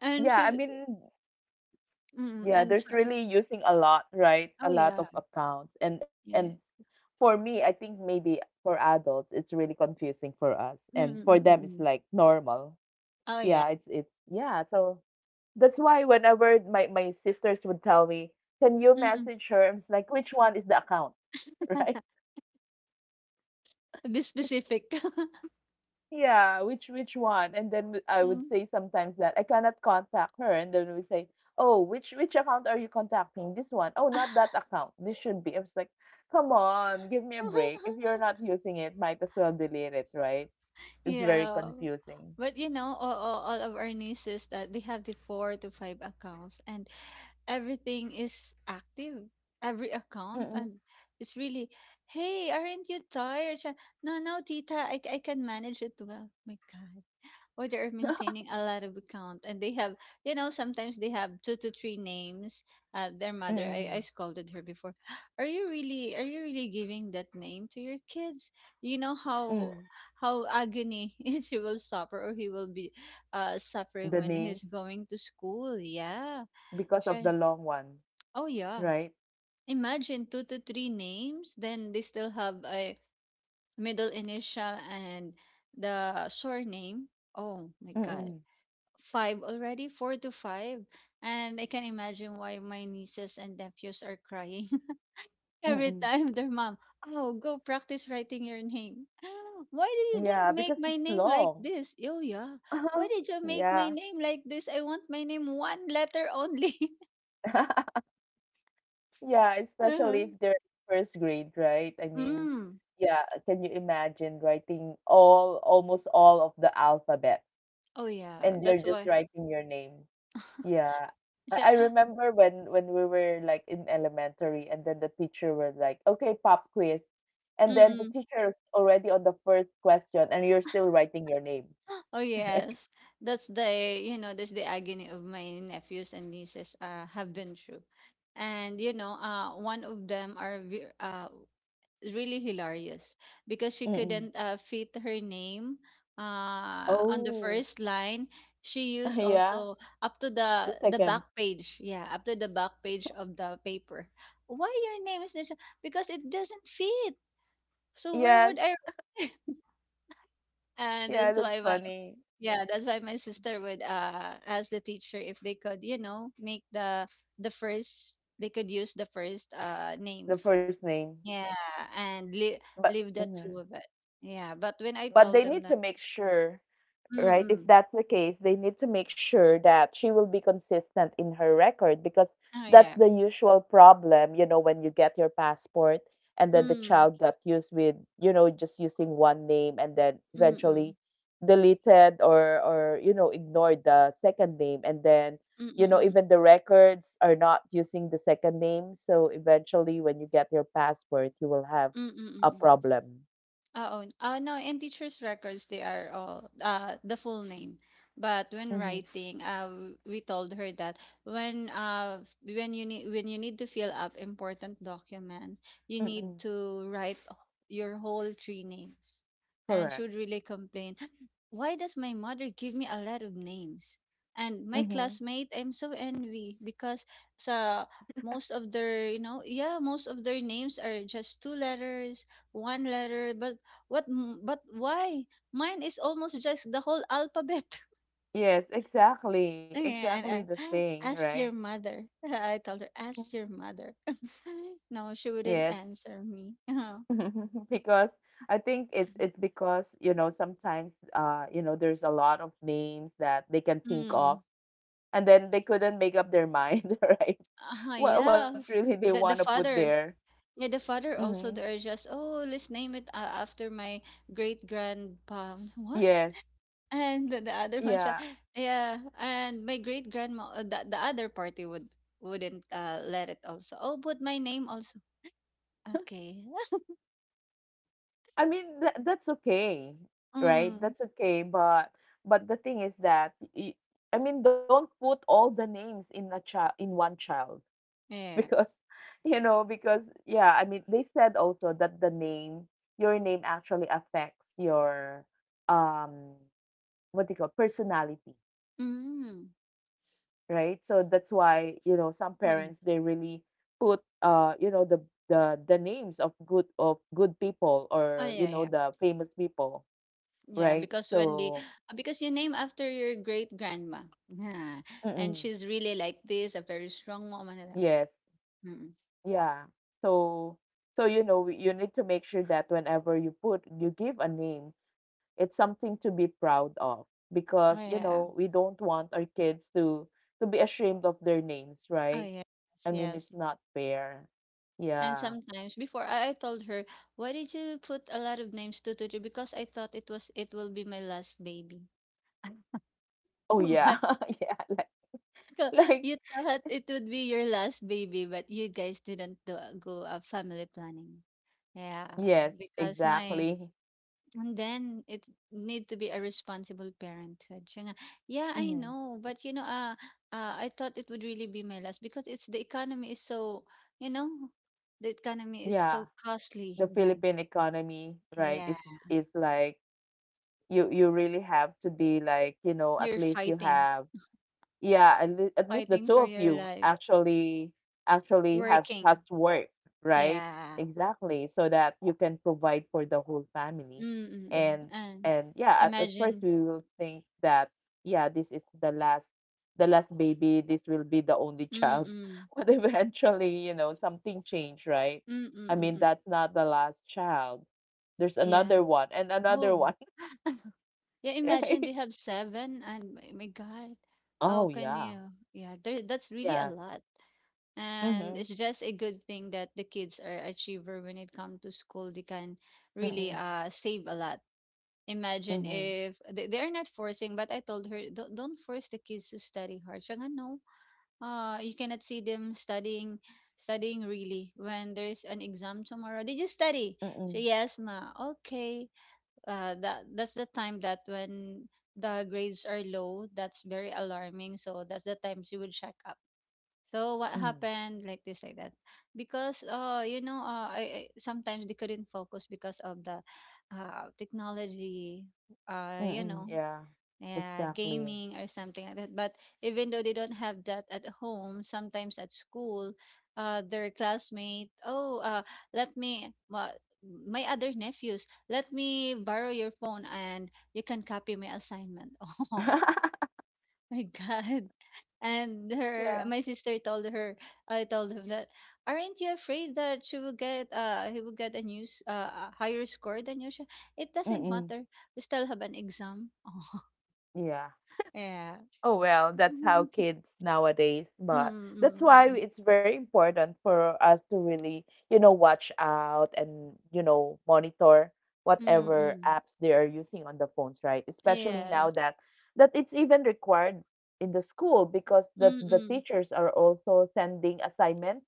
Speaker 2: and
Speaker 1: Yeah. I
Speaker 2: she's,
Speaker 1: mean, yeah.
Speaker 2: and
Speaker 1: There's
Speaker 2: so,
Speaker 1: really using a lot, right?
Speaker 2: oh
Speaker 1: A
Speaker 2: yeah.
Speaker 1: lot of accounts,
Speaker 2: Yeah.
Speaker 1: and for me, I think maybe for adults, it's really confusing for us, and for them, it's
Speaker 2: Mm-mm-mm-mm.
Speaker 1: like normal.
Speaker 2: Oh yeah.
Speaker 1: Yeah, it's yeah. So that's why whenever my sisters would tell me, "Can you
Speaker 2: Mm-mm.
Speaker 1: message her?" I'm just like, "Which one is the account?" (laughs) Right?
Speaker 2: Be specific. (laughs)
Speaker 1: Yeah, which one? And then w- I would
Speaker 2: Mm.
Speaker 1: say sometimes that I cannot contact her, and then we say, "Oh, which account are you contacting? This one? Oh, not
Speaker 2: (laughs)
Speaker 1: that account. This should be." I was like, "Come on, give me a break. If you're not using it, might as well delete it, right?" It's very
Speaker 2: Yeah.
Speaker 1: confusing.
Speaker 2: But all of our nieces that they have the four to five accounts and everything is active, every (laughs) account,
Speaker 1: Mm-mm,
Speaker 2: and it's really, hey, aren't you tired? Siya, no, no, tita, I can manage it well. My God. Or they're maintaining a lot of account and they have, sometimes they have two to three names. Their mother, I,
Speaker 1: mm-mm,
Speaker 2: I scolded her before. (gasps) Are you really giving that name to your kids? You know how,
Speaker 1: mm.
Speaker 2: how agony (laughs) she will suffer or he will be suffering
Speaker 1: The
Speaker 2: when he's
Speaker 1: names
Speaker 2: going to school. Yeah.
Speaker 1: because of the long one.
Speaker 2: Oh yeah.
Speaker 1: Right?
Speaker 2: Imagine two to three names, then they still have a middle initial and the surname. Oh my God.
Speaker 1: Mm,
Speaker 2: Five already, four to five. And I can imagine why my nieces and nephews are crying (laughs) every
Speaker 1: mm.
Speaker 2: time their mom, oh, go practice writing your name. (gasps) Why did you
Speaker 1: Yeah,
Speaker 2: didn't make
Speaker 1: because
Speaker 2: my
Speaker 1: it's
Speaker 2: name like
Speaker 1: long.
Speaker 2: this? Oh yeah. Why
Speaker 1: (laughs)
Speaker 2: did you make my
Speaker 1: Yeah.
Speaker 2: name like this? I want my name one letter only. (laughs)
Speaker 1: (laughs) Yeah,
Speaker 2: Uh-huh.
Speaker 1: especially if they're in first grade, right? I mean,
Speaker 2: Mm.
Speaker 1: yeah, can you imagine writing all, almost all of the alphabet
Speaker 2: Oh yeah.
Speaker 1: and you're
Speaker 2: That's
Speaker 1: just
Speaker 2: why.
Speaker 1: writing your name? Yeah.
Speaker 2: Siya.
Speaker 1: I remember when we were like in elementary and then the teacher was like, "Okay, pop quiz." And then the
Speaker 2: Mm.
Speaker 1: teacher is already on the first question and you're still
Speaker 2: (laughs)
Speaker 1: writing your name,
Speaker 2: Oh,
Speaker 1: (laughs) right?
Speaker 2: yes. That's the agony of my nephews and nieces, have been through. And, one of them are really hilarious because she
Speaker 1: Mm-mm.
Speaker 2: couldn't fit her name on the
Speaker 1: Oh.
Speaker 2: first line. She
Speaker 1: (laughs)
Speaker 2: used
Speaker 1: Yeah,
Speaker 2: also up to
Speaker 1: the
Speaker 2: the back
Speaker 1: second.
Speaker 2: page, yeah, up to the back page of the paper. Why your name is this? Because it doesn't fit. So where
Speaker 1: Yes,
Speaker 2: would I? (laughs) And
Speaker 1: yeah,
Speaker 2: that's
Speaker 1: that's
Speaker 2: why my
Speaker 1: funny.
Speaker 2: yeah, that's why my sister would ask the teacher if they could, make the first they could use the first name.
Speaker 1: The first name,
Speaker 2: Yeah, and leave
Speaker 1: but
Speaker 2: leave the
Speaker 1: mhm.
Speaker 2: two of it. Yeah, but when I
Speaker 1: But they
Speaker 2: told them
Speaker 1: need to
Speaker 2: that,
Speaker 1: make sure,
Speaker 2: mm,
Speaker 1: right?
Speaker 2: mm,
Speaker 1: If that's the case, they need to make sure that she will be consistent in her record because
Speaker 2: oh
Speaker 1: that's
Speaker 2: yeah,
Speaker 1: the usual problem, you know, when you get your passport and then the
Speaker 2: mm,
Speaker 1: child got used with, you know, just using one name and then
Speaker 2: mm,
Speaker 1: eventually
Speaker 2: mm,
Speaker 1: deleted or you know ignored the second name and then
Speaker 2: mm,
Speaker 1: you
Speaker 2: mm,
Speaker 1: know
Speaker 2: mm,
Speaker 1: even the records are not using the second name, so eventually when you get your passport you will have
Speaker 2: mm, mm, mm,
Speaker 1: a
Speaker 2: mm, mm.
Speaker 1: problem.
Speaker 2: Uh, Oh, no, in teachers' records, they are all the full name. But when
Speaker 1: Mm-hmm.
Speaker 2: writing, we told her that when when you need to fill up important documents, you need
Speaker 1: Mm-hmm.
Speaker 2: to write your whole three names. And she
Speaker 1: Correct.
Speaker 2: would really complain, why does my mother give me a lot of names? And my
Speaker 1: Mm-hmm.
Speaker 2: classmate, I'm so envy because sa most of their, you know, yeah, most of their names are just two letters, one letter but what m but why? Mine is almost just the whole alphabet. (laughs)
Speaker 1: Yes, exactly. Exactly the
Speaker 2: And,
Speaker 1: thing,
Speaker 2: ask
Speaker 1: right?
Speaker 2: your mother. (laughs) I told her,
Speaker 1: Mhm.
Speaker 2: ask your mother. (laughs) No, she wouldn't
Speaker 1: Yes.
Speaker 2: answer me. (laughs)
Speaker 1: (laughs) Because I think it's because, you know, sometimes you know, there's a lot of names that they can think of
Speaker 2: Mm.
Speaker 1: and then they couldn't make up their mind, (laughs) right?
Speaker 2: uh
Speaker 1: What
Speaker 2: yeah.
Speaker 1: really they want
Speaker 2: The
Speaker 1: to
Speaker 2: the
Speaker 1: put
Speaker 2: father.
Speaker 1: there.
Speaker 2: Yeah, the father
Speaker 1: Mm-hmm.
Speaker 2: also they are just, oh, let's name it after my great grandpa. What?
Speaker 1: Yes.
Speaker 2: (laughs) And the other one,
Speaker 1: Yeah.
Speaker 2: siya, yeah, and my great grandma, the other party would wouldn't let it also. Oh, put my name also. Okay.
Speaker 1: I mean that's okay, right?
Speaker 2: Mm,
Speaker 1: That's okay, but the thing is that y- I mean don't put all the names in a child in one child
Speaker 2: yeah.
Speaker 1: because (laughs) you know because yeah I mean they said also that the name your name actually affects your um what do you call personality,
Speaker 2: Mm,
Speaker 1: right? So that's why you know some
Speaker 2: mm.
Speaker 1: parents they really put you know the the names of good people
Speaker 2: Oh,
Speaker 1: or you
Speaker 2: yeah,
Speaker 1: know
Speaker 2: yeah.
Speaker 1: the famous people,
Speaker 2: Yeah,
Speaker 1: right?
Speaker 2: because when the
Speaker 1: So
Speaker 2: because you name after your great grandma. Yeah. And
Speaker 1: mm-mm,
Speaker 2: she's really like this, a very strong woman, and that.
Speaker 1: yes.
Speaker 2: Mm.
Speaker 1: Yeah. So so you know we- you need to make sure that whenever you put you give a name, it's something to be proud of because
Speaker 2: Oh,
Speaker 1: you
Speaker 2: yeah.
Speaker 1: know we don't want our kids to be ashamed of their names,
Speaker 2: Oh,
Speaker 1: right?
Speaker 2: yes,
Speaker 1: I mean,
Speaker 2: yes.
Speaker 1: it's not fair.
Speaker 2: And
Speaker 1: Yeah.
Speaker 2: sometimes before I told her, why did you put a lot of names to Tutu? Because I thought it was it will be my last baby. (laughs)
Speaker 1: Oh yeah.
Speaker 2: But
Speaker 1: (laughs) Yeah,
Speaker 2: co-
Speaker 1: like
Speaker 2: you thought it would be your last baby, but you guys didn't do, go family planning. Yeah,
Speaker 1: yes,
Speaker 2: because my
Speaker 1: exactly.
Speaker 2: and then it need to be a responsible parenthood. Siya nga, yeah, I
Speaker 1: Mhm.
Speaker 2: know, but I thought it would really be my last because it's the economy is so, you know, the economy is
Speaker 1: Yeah.
Speaker 2: so costly
Speaker 1: The
Speaker 2: then.
Speaker 1: Philippine economy, right,
Speaker 2: Yeah,
Speaker 1: is like you really have to be like, you know, at
Speaker 2: you're
Speaker 1: least you
Speaker 2: fighting,
Speaker 1: have yeah and the- at least the
Speaker 2: fighting
Speaker 1: two
Speaker 2: for
Speaker 1: of
Speaker 2: your
Speaker 1: you
Speaker 2: life,
Speaker 1: actually actually have has
Speaker 2: working.
Speaker 1: to work right
Speaker 2: Yeah.
Speaker 1: exactly so that you can provide for the whole family
Speaker 2: Mm-mm.
Speaker 1: and
Speaker 2: And
Speaker 1: and yeah at first
Speaker 2: imagine.
Speaker 1: we will think that yeah this is the last baby this will be the only child
Speaker 2: Mm-mm.
Speaker 1: (laughs) but eventually you know something changed, right? I mean
Speaker 2: Mm-mm.
Speaker 1: that's not the last child there's
Speaker 2: Yeah.
Speaker 1: another one and another
Speaker 2: Oh.
Speaker 1: one.
Speaker 2: (laughs) Yeah,
Speaker 1: (laughs)
Speaker 2: imagine
Speaker 1: Right.
Speaker 2: they have seven, and my God,
Speaker 1: Oh
Speaker 2: how can
Speaker 1: yeah.
Speaker 2: you? Yeah, there, that's really a
Speaker 1: Yes.
Speaker 2: lot. And
Speaker 1: Mhm,
Speaker 2: it's just a good thing that the kids are achiever when it comes to school. They can really
Speaker 1: mhm,
Speaker 2: save a lot. Imagine
Speaker 1: mhm.
Speaker 2: if they are not forcing, but I told her don't force the kids to study hard. Siya nga, no, you cannot see them studying really when there's an exam tomorrow. Did you study? So
Speaker 1: Mm,
Speaker 2: yes, ma. Okay, that's the time that when the grades are low, that's very alarming. So that's the time she would check up. So what
Speaker 1: mm,
Speaker 2: happened like this like that? Because I sometimes they couldn't focus because of the technology uh you know
Speaker 1: mm, yeah,
Speaker 2: yeah,
Speaker 1: exactly.
Speaker 2: gaming or something like that. But even though they don't have that at home, sometimes at school, their classmate, oh, let me, my, my other nephews, let me borrow your phone and you can copy my assignment. (laughs)
Speaker 1: (laughs)
Speaker 2: Oh my God. And
Speaker 1: Yeah.
Speaker 2: her, my sister told her, I told him that, aren't you afraid that she will get, he will get a news, a higher score than you? It doesn't
Speaker 1: Mm,
Speaker 2: matter. We still have an exam.
Speaker 1: yeah.
Speaker 2: (laughs) Yeah.
Speaker 1: Oh well, that's how
Speaker 2: (laughs)
Speaker 1: kids nowadays, but
Speaker 2: Mm,
Speaker 1: that's why
Speaker 2: mm,
Speaker 1: it's very important for us to really, watch out and, monitor
Speaker 2: mm,
Speaker 1: whatever
Speaker 2: mm.
Speaker 1: apps they are using on the phones, right? Especially now
Speaker 2: Yes.
Speaker 1: that it's even required in the school because the
Speaker 2: Mm-mm.
Speaker 1: teachers are also sending assignments,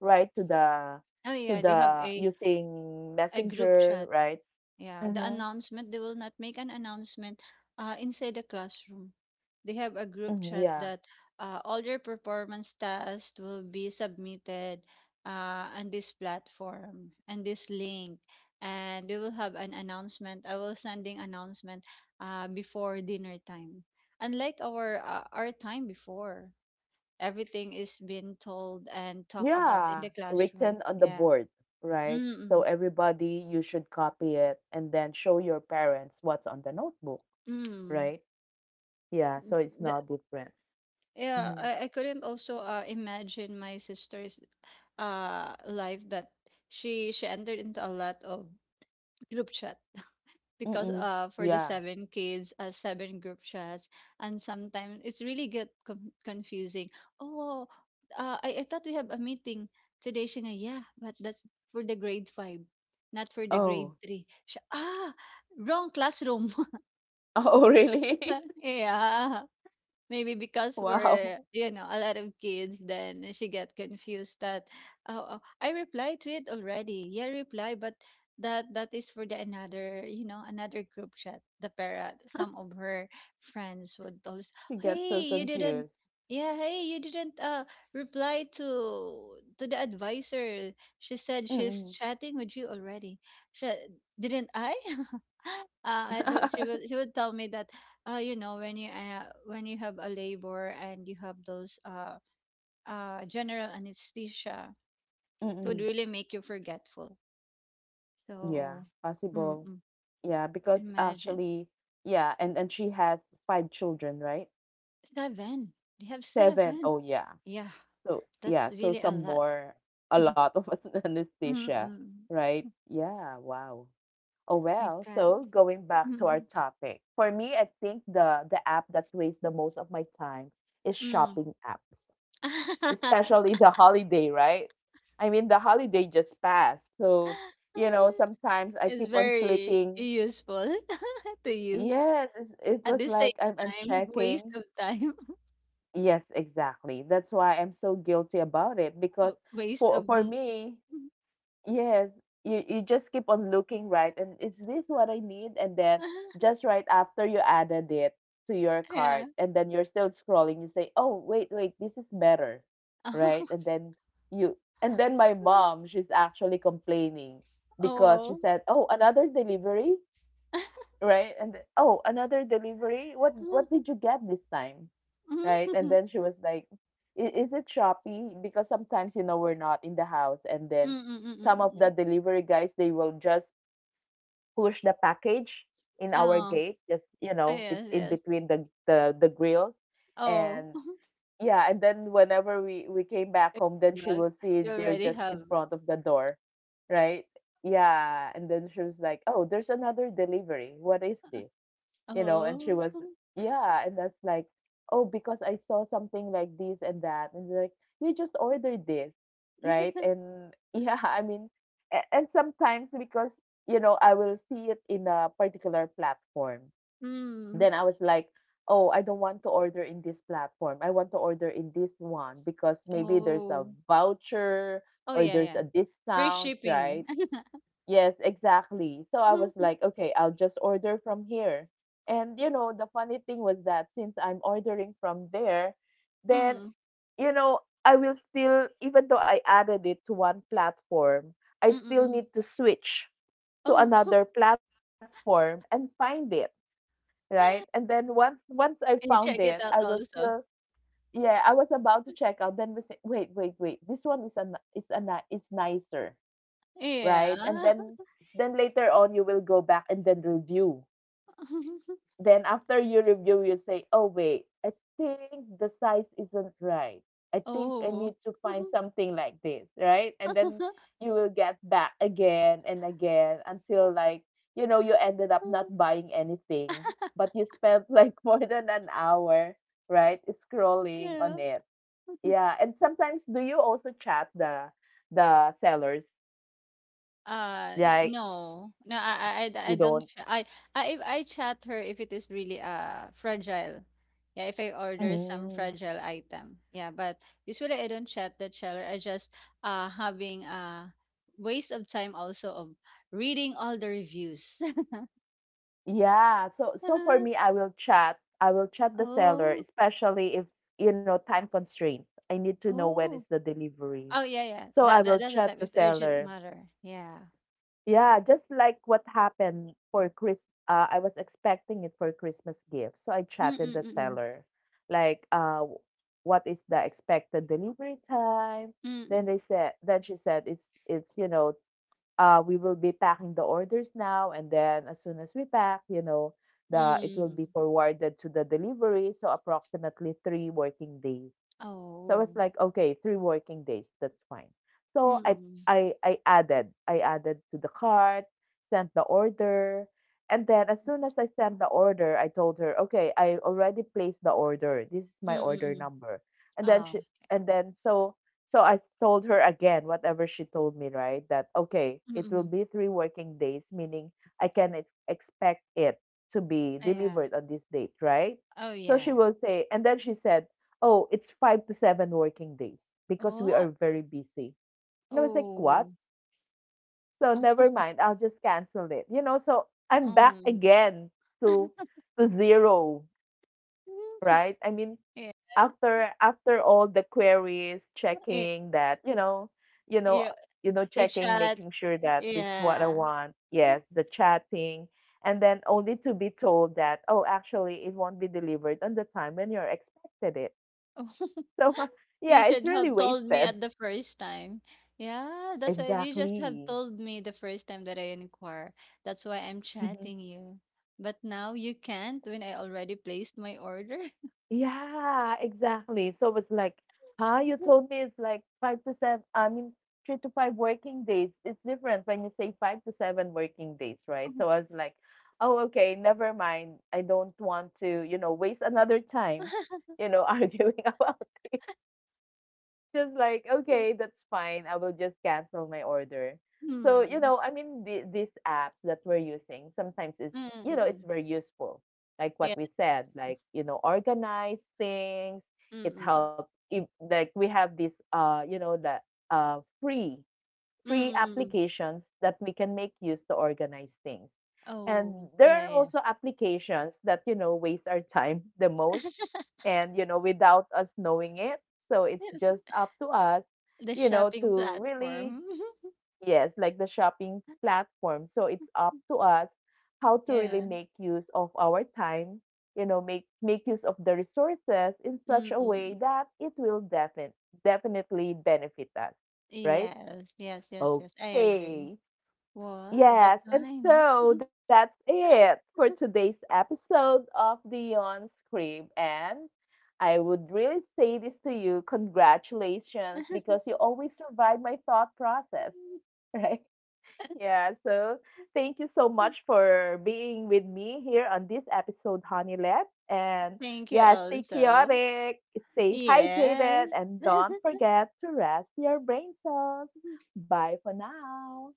Speaker 1: right?
Speaker 2: Oh
Speaker 1: To
Speaker 2: yeah, they have
Speaker 1: the
Speaker 2: a
Speaker 1: using
Speaker 2: a group
Speaker 1: messenger,
Speaker 2: chat.
Speaker 1: right?
Speaker 2: Yeah, the
Speaker 1: Mm-hmm.
Speaker 2: announcement, they will not make an announcement inside the classroom. They have a group
Speaker 1: Mhm.
Speaker 2: chat
Speaker 1: Yeah.
Speaker 2: that all your performance tasks will be submitted on this platform and this link. And we will have an announcement. I will sending announcement before dinner time. Unlike our time before. Everything is being told and talked about in
Speaker 1: Yeah.
Speaker 2: the classroom.
Speaker 1: Written on the
Speaker 2: Yeah.
Speaker 1: board, right? So
Speaker 2: Mm.
Speaker 1: everybody, you should copy it and then show your parents what's on the notebook,
Speaker 2: Mm.
Speaker 1: right? Yeah. So it's
Speaker 2: The,
Speaker 1: not different.
Speaker 2: yeah,
Speaker 1: Mm-hmm.
Speaker 2: I couldn't also imagine my sister's life that she entered into a lot of group chat because
Speaker 1: Mm-mm.
Speaker 2: for the
Speaker 1: Yeah.
Speaker 2: seven kids seven group chats and sometimes it's really get confusing. Oh, I thought we have a meeting today, Shina. Yeah, but that's for the grade five, not for the grade
Speaker 1: Oh.
Speaker 2: three, Siya. Ah, wrong classroom.
Speaker 1: (laughs) Oh, really? (laughs)
Speaker 2: (laughs) Yeah. Maybe because
Speaker 1: Wow.
Speaker 2: we're, a lot of kids, then she get confused that, oh, oh, I replied to it already. Yeah, reply, but that is for the another, another group chat. The parent, some
Speaker 1: (laughs)
Speaker 2: of her friends would always,
Speaker 1: She gets so
Speaker 2: hey, you didn't,
Speaker 1: confused.
Speaker 2: yeah, hey, you didn't reply to the advisor. She said she's
Speaker 1: Mm-mm.
Speaker 2: chatting with you already. She, didn't I? (laughs) I thought she
Speaker 1: (laughs)
Speaker 2: would she would tell me that you know when you have a labor and you have those general anesthesia, it would
Speaker 1: Mm-mm.
Speaker 2: really make you forgetful.
Speaker 1: Yeah.
Speaker 2: So,
Speaker 1: Possible.
Speaker 2: mm-mm,
Speaker 1: Yeah, because
Speaker 2: imagine.
Speaker 1: actually, yeah, and she has 5 children, right?
Speaker 2: seven they have
Speaker 1: Seven.
Speaker 2: seven
Speaker 1: Oh yeah.
Speaker 2: Yeah,
Speaker 1: So yeah,
Speaker 2: that's
Speaker 1: so
Speaker 2: really a
Speaker 1: some
Speaker 2: lot. (laughs)
Speaker 1: more, a lot of us (laughs) anesthesia,
Speaker 2: Mm-mm.
Speaker 1: right? Yeah, wow. Oh
Speaker 2: My
Speaker 1: well,
Speaker 2: God.
Speaker 1: so going back to our
Speaker 2: Mm,
Speaker 1: topic. For me, I think the app that wastes the most of my time is
Speaker 2: mm.
Speaker 1: shopping apps,
Speaker 2: (laughs)
Speaker 1: especially the holiday, right? I mean, the holiday just passed. So, you know, sometimes I
Speaker 2: It's
Speaker 1: keep on
Speaker 2: very
Speaker 1: flipping.
Speaker 2: useful (laughs) to you.
Speaker 1: Yes, it's, it
Speaker 2: At
Speaker 1: was
Speaker 2: the same
Speaker 1: like I'm
Speaker 2: time, waste
Speaker 1: checking.
Speaker 2: of time.
Speaker 1: Yes, exactly. That's why I'm so guilty about it
Speaker 2: (laughs)
Speaker 1: because
Speaker 2: Waste
Speaker 1: for
Speaker 2: of
Speaker 1: for
Speaker 2: m-
Speaker 1: me, yes, you just keep on looking, right? And is this what I need? And then
Speaker 2: (laughs)
Speaker 1: just right after you added it to your
Speaker 2: Yeah.
Speaker 1: cart and then you're still scrolling, you say, "Oh, wait, wait, this is better." Right? And
Speaker 2: (laughs)
Speaker 1: then you, and then my mom, she's actually complaining because she
Speaker 2: Oh.
Speaker 1: said, "Oh, another delivery?"
Speaker 2: (laughs)
Speaker 1: Right? And th- oh, another delivery. What
Speaker 2: Oo.
Speaker 1: did you get this time, right? And
Speaker 2: Mhm.
Speaker 1: then she was like, "I- Is it Shopee?" Because sometimes you know we're not in the house, and
Speaker 2: Mm,
Speaker 1: then
Speaker 2: mm,
Speaker 1: some of
Speaker 2: mm. Oo.
Speaker 1: the
Speaker 2: (laughs)
Speaker 1: delivery guys they will just push the package in our gate, just you
Speaker 2: Oh.
Speaker 1: know, it's
Speaker 2: Yes,
Speaker 1: in
Speaker 2: yes.
Speaker 1: between the grills,
Speaker 2: Oh.
Speaker 1: and yeah, and then whenever we came back home,
Speaker 2: (laughs)
Speaker 1: then she
Speaker 2: But
Speaker 1: will see
Speaker 2: you
Speaker 1: they're
Speaker 2: already
Speaker 1: just
Speaker 2: have.
Speaker 1: in front of the door, right? Yeah, and then she was like, "Oh, there's another delivery. What is this?" You know, and she
Speaker 2: Oh.
Speaker 1: was, yeah, and that's like, oh, because I saw something like this and that, and they're like, you just ordered this, right? And yeah, (laughs) I mean, and sometimes because you know I will see it in a particular platform,
Speaker 2: Mm.
Speaker 1: then I was like, oh, I don't want to order in this platform, I want to order in this one because maybe there's a
Speaker 2: Oh.
Speaker 1: voucher
Speaker 2: Oh,
Speaker 1: or
Speaker 2: yeah,
Speaker 1: there's
Speaker 2: yeah.
Speaker 1: a
Speaker 2: Free
Speaker 1: discount,
Speaker 2: shipping.
Speaker 1: right? Yes, exactly. So I was like,
Speaker 2: (laughs)
Speaker 1: okay, I'll just order from here. And you know, the funny thing was that since I'm ordering from there, then
Speaker 2: Mm.
Speaker 1: you know, I will still, even though I added it to one platform, I
Speaker 2: Mm,
Speaker 1: still
Speaker 2: mm.
Speaker 1: need to switch to
Speaker 2: Oh.
Speaker 1: another
Speaker 2: (laughs)
Speaker 1: platform and find it, right? And then once I found
Speaker 2: You
Speaker 1: it,
Speaker 2: check
Speaker 1: I
Speaker 2: it out
Speaker 1: will still,
Speaker 2: also.
Speaker 1: yeah, I was about to check out. Then we say, wait, wait, wait. This one is an is nicer,
Speaker 2: Yeah.
Speaker 1: right? And then later on you will go back and then review.
Speaker 2: (laughs)
Speaker 1: Then after you review, you say, "Oh wait, I think the size isn't right. I think I
Speaker 2: Oh.
Speaker 1: need to find something like this, right?" And then you will get back again and again until,
Speaker 2: (laughs)
Speaker 1: like, you know, you ended up not buying anything, but you spent like (laughs) more than an hour, right, scrolling on
Speaker 2: Yeah.
Speaker 1: it. Yeah, and sometimes do you also chat the sellers? Like
Speaker 2: No. No, I
Speaker 1: you
Speaker 2: don't
Speaker 1: don't.
Speaker 2: ch- I if I chat her, if it is really fragile. Yeah, if I order some
Speaker 1: Mm.
Speaker 2: fragile item. Yeah, but usually I don't chat the seller. I just having a waste of time also of reading all the reviews. (laughs)
Speaker 1: Yeah. So so for me, I will chat. I will chat the seller,
Speaker 2: Oh.
Speaker 1: especially if, you know, time constraint. I need to know when
Speaker 2: Oh.
Speaker 1: is the delivery.
Speaker 2: Oh yeah, yeah.
Speaker 1: So I
Speaker 2: That that
Speaker 1: will
Speaker 2: that's a
Speaker 1: chat
Speaker 2: type
Speaker 1: the
Speaker 2: of urgent
Speaker 1: seller.
Speaker 2: matter. Yeah.
Speaker 1: Yeah, just like what happened for Chris. I was expecting it for Christmas gift, so I chatted the
Speaker 2: Mm-mm-mm.
Speaker 1: seller, like, what is the expected delivery time? Then
Speaker 2: Mm-mm.
Speaker 1: they said, then she said it's you know, we will be packing the orders now, and then as soon as we pack, you know, the it will
Speaker 2: Mm.
Speaker 1: be forwarded to the delivery. So approximately 3 working days. So I was
Speaker 2: Oh.
Speaker 1: like, okay, 3 working days, that's fine. So
Speaker 2: Mm-mm.
Speaker 1: I added to the cart, sent the order, and then as soon as I sent the order, I told her, okay, I already placed the order. This is
Speaker 2: Mm-mm. Oh.
Speaker 1: my
Speaker 2: Mm, mm, mm,
Speaker 1: order
Speaker 2: mm. Mm.
Speaker 1: number. And then she,
Speaker 2: Oh.
Speaker 1: and then so, so I told her again whatever she told me, right? That okay, it will
Speaker 2: Mm.
Speaker 1: be 3 working days, meaning I can expect it to be
Speaker 2: Ah, yeah.
Speaker 1: delivered on this date, right?
Speaker 2: Oh,
Speaker 1: So
Speaker 2: yeah.
Speaker 1: she will say, and then she said, oh, it's 5 to 7 working days because we
Speaker 2: What?
Speaker 1: are very busy. And I was like, what?
Speaker 2: Oh,
Speaker 1: So
Speaker 2: oh.
Speaker 1: never mind, I'll just cancel it. You know, so I'm back
Speaker 2: Um.
Speaker 1: again to
Speaker 2: (laughs)
Speaker 1: to zero, right? I mean,
Speaker 2: Yes.
Speaker 1: after all the queries,
Speaker 2: Y-
Speaker 1: checking that, you know, you know,
Speaker 2: You
Speaker 1: you know,
Speaker 2: you
Speaker 1: checking,
Speaker 2: chat.
Speaker 1: making sure that this is what I
Speaker 2: Yeah.
Speaker 1: want. Yes,
Speaker 2: (laughs)
Speaker 1: the chatting. And then only to be told that, oh, actually, it won't be delivered on the time when you're expected it.
Speaker 2: Oh, (laughs)
Speaker 1: So, (laughs)
Speaker 2: you
Speaker 1: yeah, it's
Speaker 2: should
Speaker 1: really
Speaker 2: have told me
Speaker 1: wasted.
Speaker 2: at the first time. Yeah, that's why you just have
Speaker 1: Exactly.
Speaker 2: told me the first time that I inquire. That's why I'm
Speaker 1: Mhm.
Speaker 2: chatting you. But now you can't when I already placed my order.
Speaker 1: Yeah, exactly. So it's like, huh? You told
Speaker 2: (laughs)
Speaker 1: me it's like 5 to 7, I mean, 3 to 5 working days. It's different when you say 5 to 7 working days, right? So I was like, oh, okay, never mind. I don't want to, you know, waste another time, you know, (laughs) arguing about. Just like, okay, that's fine. I will just cancel my order. So, you
Speaker 2: Hmm.
Speaker 1: know, I mean, the, these apps that we're using sometimes it's, you know, it's
Speaker 2: Mm-mm.
Speaker 1: very useful. Like what we
Speaker 2: Yes.
Speaker 1: said, like, you know, organize things. It
Speaker 2: Mm-mm.
Speaker 1: helps. If, like we have this, you know, the uh, free
Speaker 2: Mm,
Speaker 1: free
Speaker 2: mm, mm.
Speaker 1: applications that we can make use to organize things. And
Speaker 2: Oh,
Speaker 1: there
Speaker 2: yeah,
Speaker 1: are
Speaker 2: yeah.
Speaker 1: also applications that, you know, waste our time the most,
Speaker 2: (laughs)
Speaker 1: and you know without us knowing it, so it's just up to us,
Speaker 2: The
Speaker 1: you know,
Speaker 2: shopping
Speaker 1: to really,
Speaker 2: platform. (laughs)
Speaker 1: yes, like the shopping platform, so it's up to us how to really
Speaker 2: Yeah.
Speaker 1: make use of our time, you know, make use of the resources in such a way
Speaker 2: Mm-mm.
Speaker 1: that it will definitely benefit us, right?
Speaker 2: Yes, yes, yes, yes. I agree.
Speaker 1: Okay.
Speaker 2: Wow, the
Speaker 1: Yes, and
Speaker 2: time.
Speaker 1: so that's it for today's episode of the On Crib. And I would really say this to you, congratulations, because you always survive my thought process,
Speaker 2: (laughs)
Speaker 1: (laughs) right? Yeah, so thank you so much for being with me here on this episode, Honeylet. And
Speaker 2: Thank you
Speaker 1: yeah, stay
Speaker 2: also.
Speaker 1: chaotic, stay
Speaker 2: Yes.
Speaker 1: hydrated, and don't
Speaker 2: (laughs)
Speaker 1: forget to rest your brain cells. Bye for now.